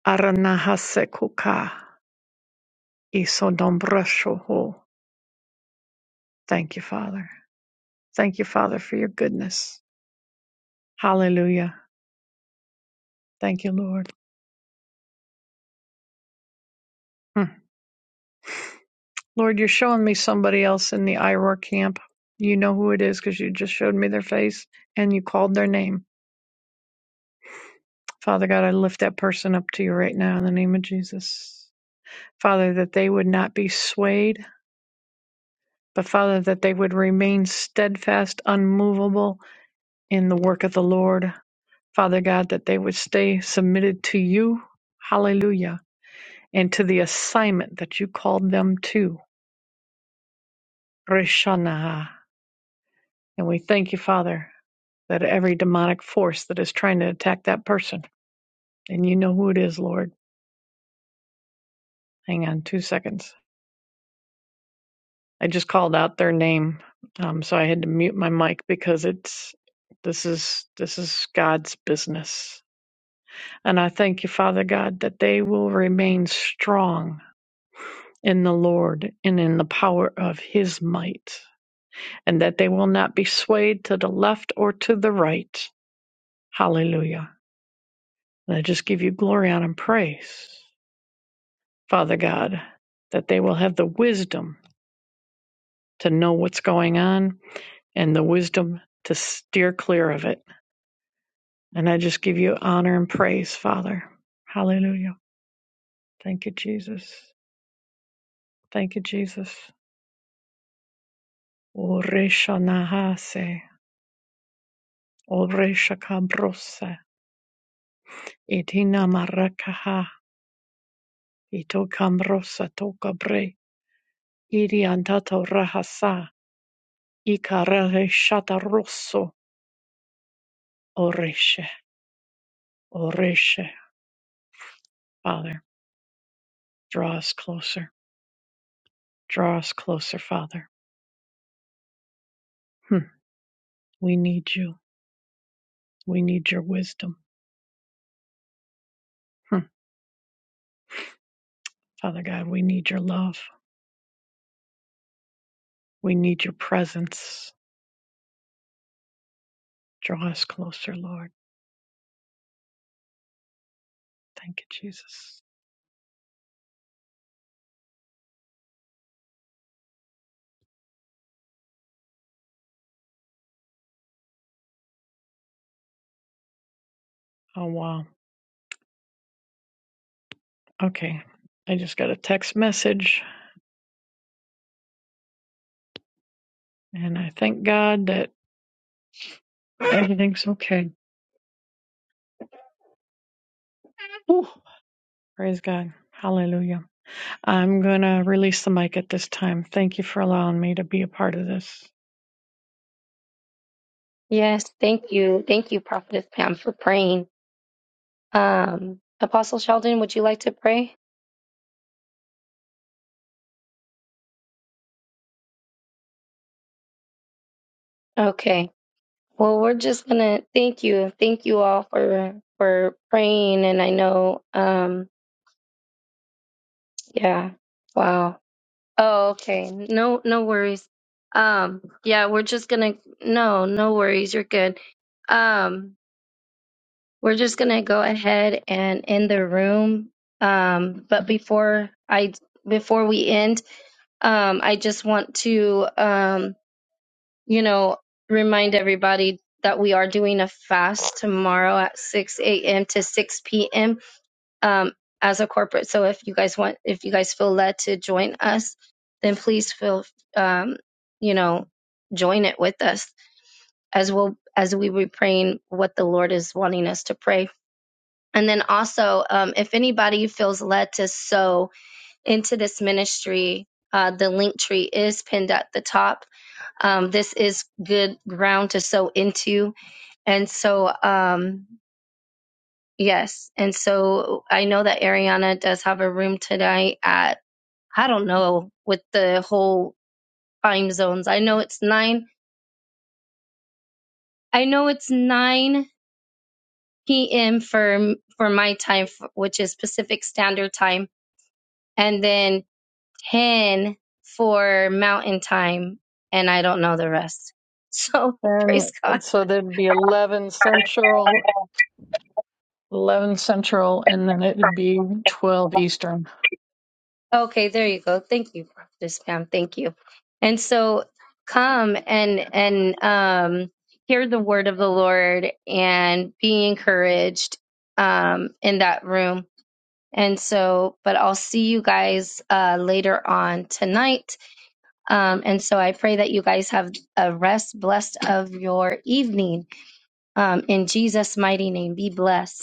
Aranahase kuka. Iso Thank you, Father. Thank you, Father, for your goodness. Hallelujah. Thank you, Lord. Hmm. Lord, you're showing me somebody else in the IROR camp. You know who it is because you just showed me their face and you called their name. Father God, I lift that person up to you right now in the name of Jesus. Father, that they would not be swayed, but Father, that they would remain steadfast, unmovable in the work of the Lord. Father God, that they would stay submitted to you. Hallelujah. And to the assignment that you called them to. Rishanaha. And we thank you, Father, that every demonic force that is trying to attack that person, and you know who it is, Lord. Hang on two seconds. I just called out their name, um, so I had to mute my mic because it's this is this is God's business, and I thank you, Father God, that they will remain strong in the Lord and in the power of His might, and that they will not be swayed to the left or to the right. Hallelujah! And I just give you glory honor, and praise, Father God, that they will have the wisdom to know what's going on and the wisdom to steer clear of it And I just give you honor and praise, Father. Hallelujah. Thank you, Jesus. Thank you, Jesus. Oresha nahase, oresha kabrosa, itina marakaha, ito kambrosa toka bre, iri antato rahasa, ikarare shataroso, oreshe, oreshe, Father. Draw us closer. Draw us closer, Father. Hmm. We need you. We need your wisdom. Hmm. Father God, we need your love. We need your presence. Draw us closer, Lord. Thank you, Jesus. Oh, wow. Okay. I just got a text message and I thank God that everything's okay. Whew. Praise God. Hallelujah. I'm going to release the mic at this time. Thank you for allowing me to be a part of this.
Yes, thank you. Thank you, Prophetess Pam, for praying. Um, Apostle Sheldon, would you like to pray? Okay. Well, we're just gonna thank you. Thank you all for for praying and I know um yeah. Wow. Oh, okay. No no worries. Um yeah, we're just gonna no, no worries. You're good. Um We're just going to go ahead and end the room. Um, but before I before we end, um, I just want to um, you know remind everybody that we are doing a fast tomorrow at 6 a.m. to 6 p.m. Um, as a corporate. So if you guys want, if you guys feel led to join us, then please feel um, you know join it with us as well as we be praying what the Lord is wanting us to pray and then also, um, if anybody feels led to sow into this ministry, uh, the link tree is pinned at the top. Um, this is good ground to sow into. And so, um, yes. And so I know that Ariana does have a room tonight at, I don't know, with the whole time zones. I know it's nine. I know it's 9 p.m. for for my time, f- which is Pacific Standard Time and then 10 for mountain time, and I don't know the rest. So praise
And
God.
so there'd be 11 Central, 11 Central, and then it'd be 12 Eastern.
Okay, there you go. Thank you, Prophetess Pam. Thank you. And so come and and um hear the word of the Lord and be encouraged um in that room. And so, but I'll see you guys uh, later on tonight. Um, and so I pray that you guys have a rest blessed of your evening. Um, in Jesus' mighty name, be blessed.